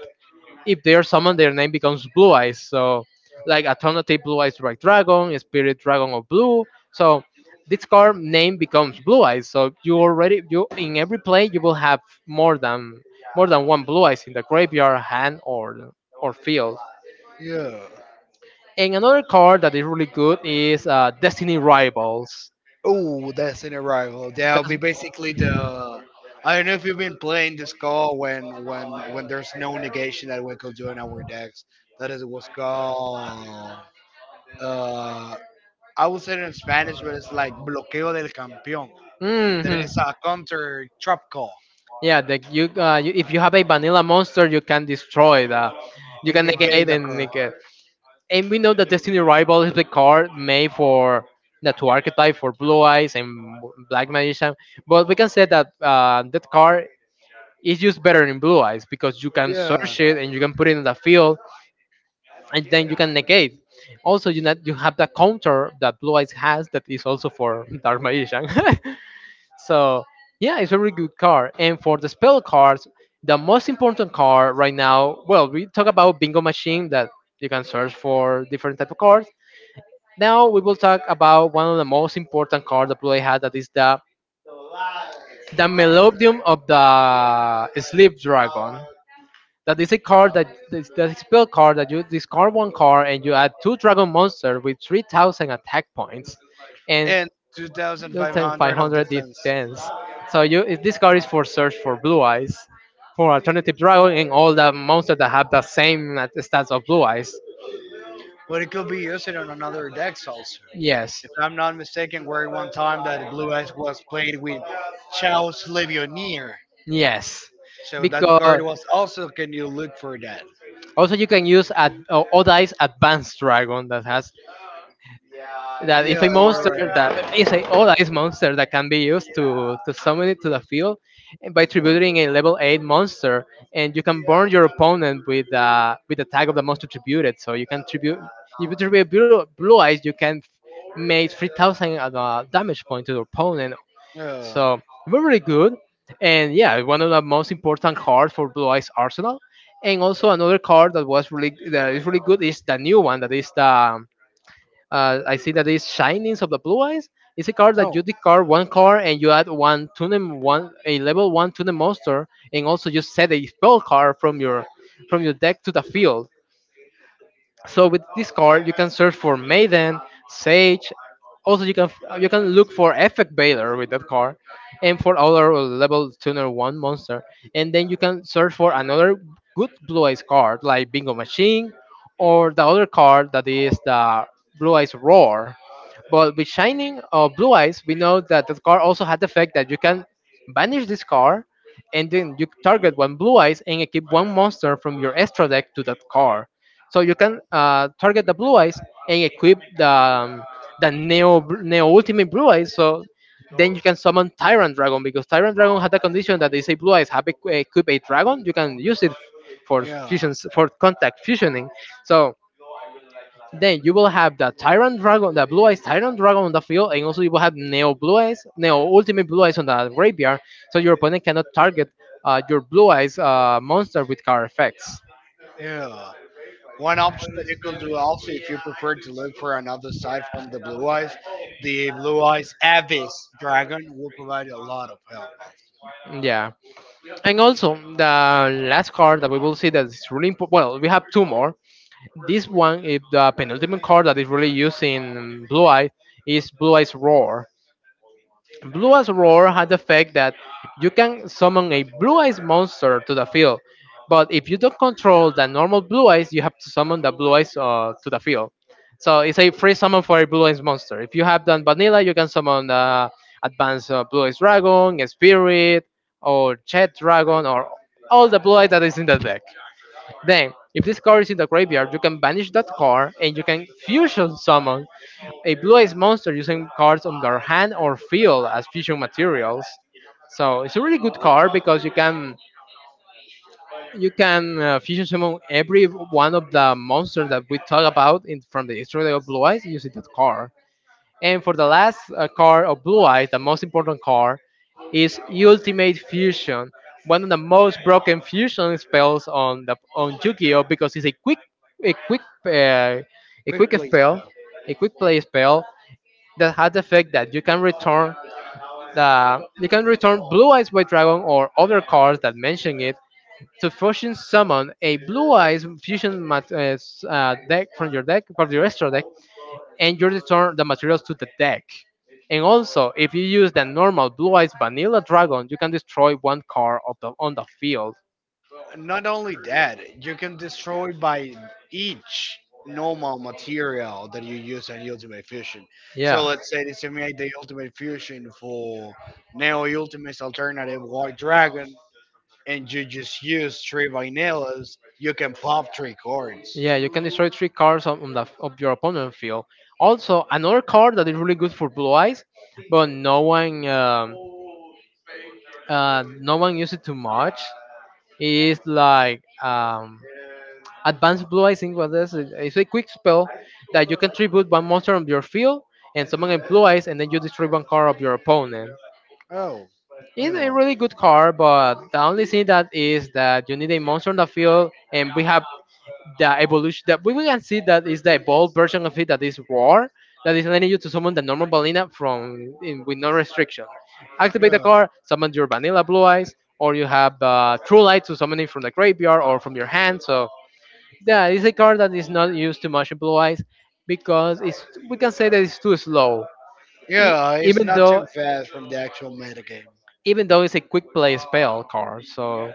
[SPEAKER 1] if they are summoned, their name becomes blue eyes. So, like alternative blue eyes right dragon, spirit dragon of blue. So this card name becomes blue eyes. So you already, you, in every play you will have more than more than one blue eyes in the graveyard, hand, or field.
[SPEAKER 2] Yeah.
[SPEAKER 1] And another card that is really good is Destiny Rivals.
[SPEAKER 2] Oh, that's an arrival. That'll be basically the. I don't know if you've been playing this call when there's no negation that we could do in our decks. That is what's called. Uh, I would say it in Spanish, but it's like bloqueo del campeón. That
[SPEAKER 1] hmm
[SPEAKER 2] is a counter trap call
[SPEAKER 1] Yeah, you, if you have a vanilla monster, you can destroy that. You
[SPEAKER 2] and
[SPEAKER 1] can
[SPEAKER 2] negate
[SPEAKER 1] negate
[SPEAKER 2] the
[SPEAKER 1] and
[SPEAKER 2] call.
[SPEAKER 1] negate. And we know that Destiny Rival is the card made for the two archetype for Blue Eyes and Black Magician. But we can say that that card is used better in Blue Eyes because you can
[SPEAKER 2] Yeah,
[SPEAKER 1] search it and you can put it in the field and then you can negate. Also, you not, you have the counter that Blue Eyes has that is also for [laughs] Dark Magician. [laughs] So yeah, it's a very good card. And for the spell cards, the most important card right now. Well, we talk about Bingo Machine that you can search for different type of cards. Now we will talk about one of the most important cards that Blue Eyes had, that is the Melodium of the Sleep Dragon. That is a card that this, that spell card that you discard one card and you add two dragon monster with 3,000 attack points, and
[SPEAKER 2] and
[SPEAKER 1] you'll take five
[SPEAKER 2] 2,500 of
[SPEAKER 1] hundred
[SPEAKER 2] defense,
[SPEAKER 1] defense. So you, if this card is for search for blue eyes, for alternative dragon and all the monsters that have the same stats of blue eyes.
[SPEAKER 2] but it could be used on another decks also.
[SPEAKER 1] Yes,
[SPEAKER 2] If I'm not mistaken, where one time that Blue Eyes was played with Charles Levionier.
[SPEAKER 1] yes.
[SPEAKER 2] So that
[SPEAKER 1] Because
[SPEAKER 2] card was also can you look for that?
[SPEAKER 1] also you can use at Odai's advanced dragon that has
[SPEAKER 2] Yeah,
[SPEAKER 1] that if
[SPEAKER 2] you're
[SPEAKER 1] a monster
[SPEAKER 2] right.
[SPEAKER 1] that is a oh that is monster that can be used to summon it to the field and by tributing a level eight monster, and you can burn your opponent with the tag of the monster tributed. So you can tribute, if you tribute blue eyes, you can make 3,000 damage point to the opponent.
[SPEAKER 2] Yeah.
[SPEAKER 1] So we really good, and yeah, one of the most important cards for blue eyes arsenal. And also another card that was really that is really good is the new one that is the I see that it's Shinings of the Blue Eyes. It's a card that you
[SPEAKER 2] Oh,
[SPEAKER 1] discard one card and you add one to one a level one to monster, and also you set a spell card from your deck to the field. So with this card, you can search for Maiden, Sage. Also, you can look for Effect Baylor with that card, and for other level tuner one monster, and then you can search for another good blue eyes card like Bingo Machine, or the other card that is the Blue Eyes Roar. But with Shining or Blue Eyes, we know that the card also had the effect that you can banish this card, and then you target one Blue Eyes and equip one monster from your extra deck to that card. So you can target the Blue Eyes and equip the Neo Ultimate Blue Eyes. So then you can summon Tyrant Dragon because Tyrant Dragon had the condition that they say Blue Eyes have equip a dragon. You can use it for
[SPEAKER 2] yeah,
[SPEAKER 1] fusions for contact fusioning. So then you will have the Tyrant Dragon, the Blue Eyes Tyrant Dragon on the field, and also you will have Neo Blue Eyes, Neo Ultimate Blue Eyes on the graveyard, so your opponent cannot target your Blue Eyes monster with card effects.
[SPEAKER 2] yeah. One option that you could do also if you prefer to look for another side from the Blue Eyes Abyss Dragon will provide a lot of help. Also.
[SPEAKER 1] Yeah. And also, the last card that we will see that is really important. Well, we have two more. This one, it, the penultimate card that is really used in Blue Eye, is Blue Eye's Roar. Blue Eyes Roar had the effect that you can summon a Blue Eyes monster to the field, but if you don't control the normal Blue Eyes, you have to summon the Blue Eyes to the field. So it's a free summon for a Blue Eyes monster. If you have done Vanilla, you can summon the Advanced Blue Eyes Dragon, Spirit, or Jet Dragon, or all the Blue Eyes that is in the deck. Then, if this card is in the graveyard, you can banish that card and you can fusion summon a blue eyes monster using cards on their hand or field as fusion materials. So it's a really good card because you can fusion summon every one of the monsters that we talk about in from the history of blue eyes using that card. And for the last car of Blue Eyes, the most important car, is Ultimate Fusion, one of the most broken fusion spells on the on Yu-Gi-Oh because it's a quick uh, a
[SPEAKER 2] Quick,
[SPEAKER 1] quick
[SPEAKER 2] please.
[SPEAKER 1] spell, a quick play spell that has the effect that you can return the you can return Blue Eyes White Dragon or other cards that mention it to fusion summon a Blue Eyes Fusion deck from your extra deck, and you return the materials to the deck. And also, if you use the normal blue eyes vanilla dragon, you can destroy one card of on the field.
[SPEAKER 2] Not only that, you can destroy by each normal material that you use in Ultimate Fusion. So
[SPEAKER 1] Yeah.
[SPEAKER 2] let's say they made the Ultimate Fusion for Neo Ultimate's alternative White Dragon, and you just use three vanillas, you can pop three cards.
[SPEAKER 1] Yeah, you can destroy three cards on the of your opponent field. Also, another card that is really good for blue eyes, but no one uses it too much. It's like advanced blue, I think what this is. It's a quick spell that you can tribute one monster on your field and summon a blue eyes, and then you destroy one card of your opponent.
[SPEAKER 2] Oh,
[SPEAKER 1] It's a
[SPEAKER 2] yeah.
[SPEAKER 1] really good card, but the only thing that is that you need a monster on the field, and we have the evolution that we can see that is the evolved version of it that is war, that is letting you to summon the normal balina from in, with no restriction. Activate the
[SPEAKER 2] Yeah,
[SPEAKER 1] card, summon your vanilla blue eyes, or you have true light to summon it from the graveyard or from your hand. So yeah, it's a card that is not used too much in blue eyes because it's we can say that it's too slow. E-
[SPEAKER 2] yeah, it's
[SPEAKER 1] even
[SPEAKER 2] not too
[SPEAKER 1] though
[SPEAKER 2] fast from the actual metagame.
[SPEAKER 1] even though it's a quick play spell card, so.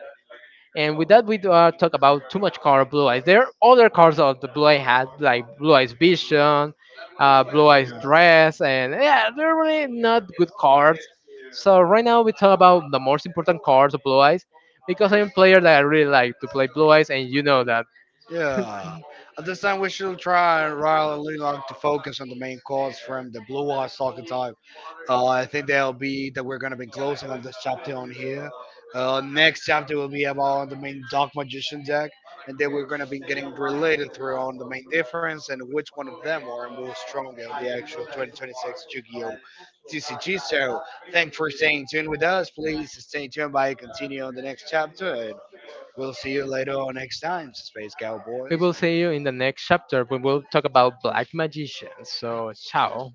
[SPEAKER 1] And with that, we do, talk about too much car Blue Eyes. There are other cars of the Blue Eye had, like Blue Eyes Vision, Blue Eyes Dress, and yeah, they're really not good cards. So right now we talk about the most important cards of Blue Eyes because I'm a player that I really like to play Blue Eyes, and you know that.
[SPEAKER 2] Yeah. At this time, we should try and really like to focus on the main calls from the Blue Eyes soccer type. I think that'll be that we're gonna be closing on this chapter on here. Next chapter will be about the main Dark Magician deck, and then we're gonna be getting related through on the main difference and which one of them are more stronger on the actual 2026 Yu-Gi-Oh! TCG. So, thanks for staying tuned with us. Please stay tuned by continue on the next chapter. We'll see you later on next time, Space
[SPEAKER 1] We
[SPEAKER 2] Cowboys.
[SPEAKER 1] will see you in the next chapter. We will talk about Black Magicians. So ciao.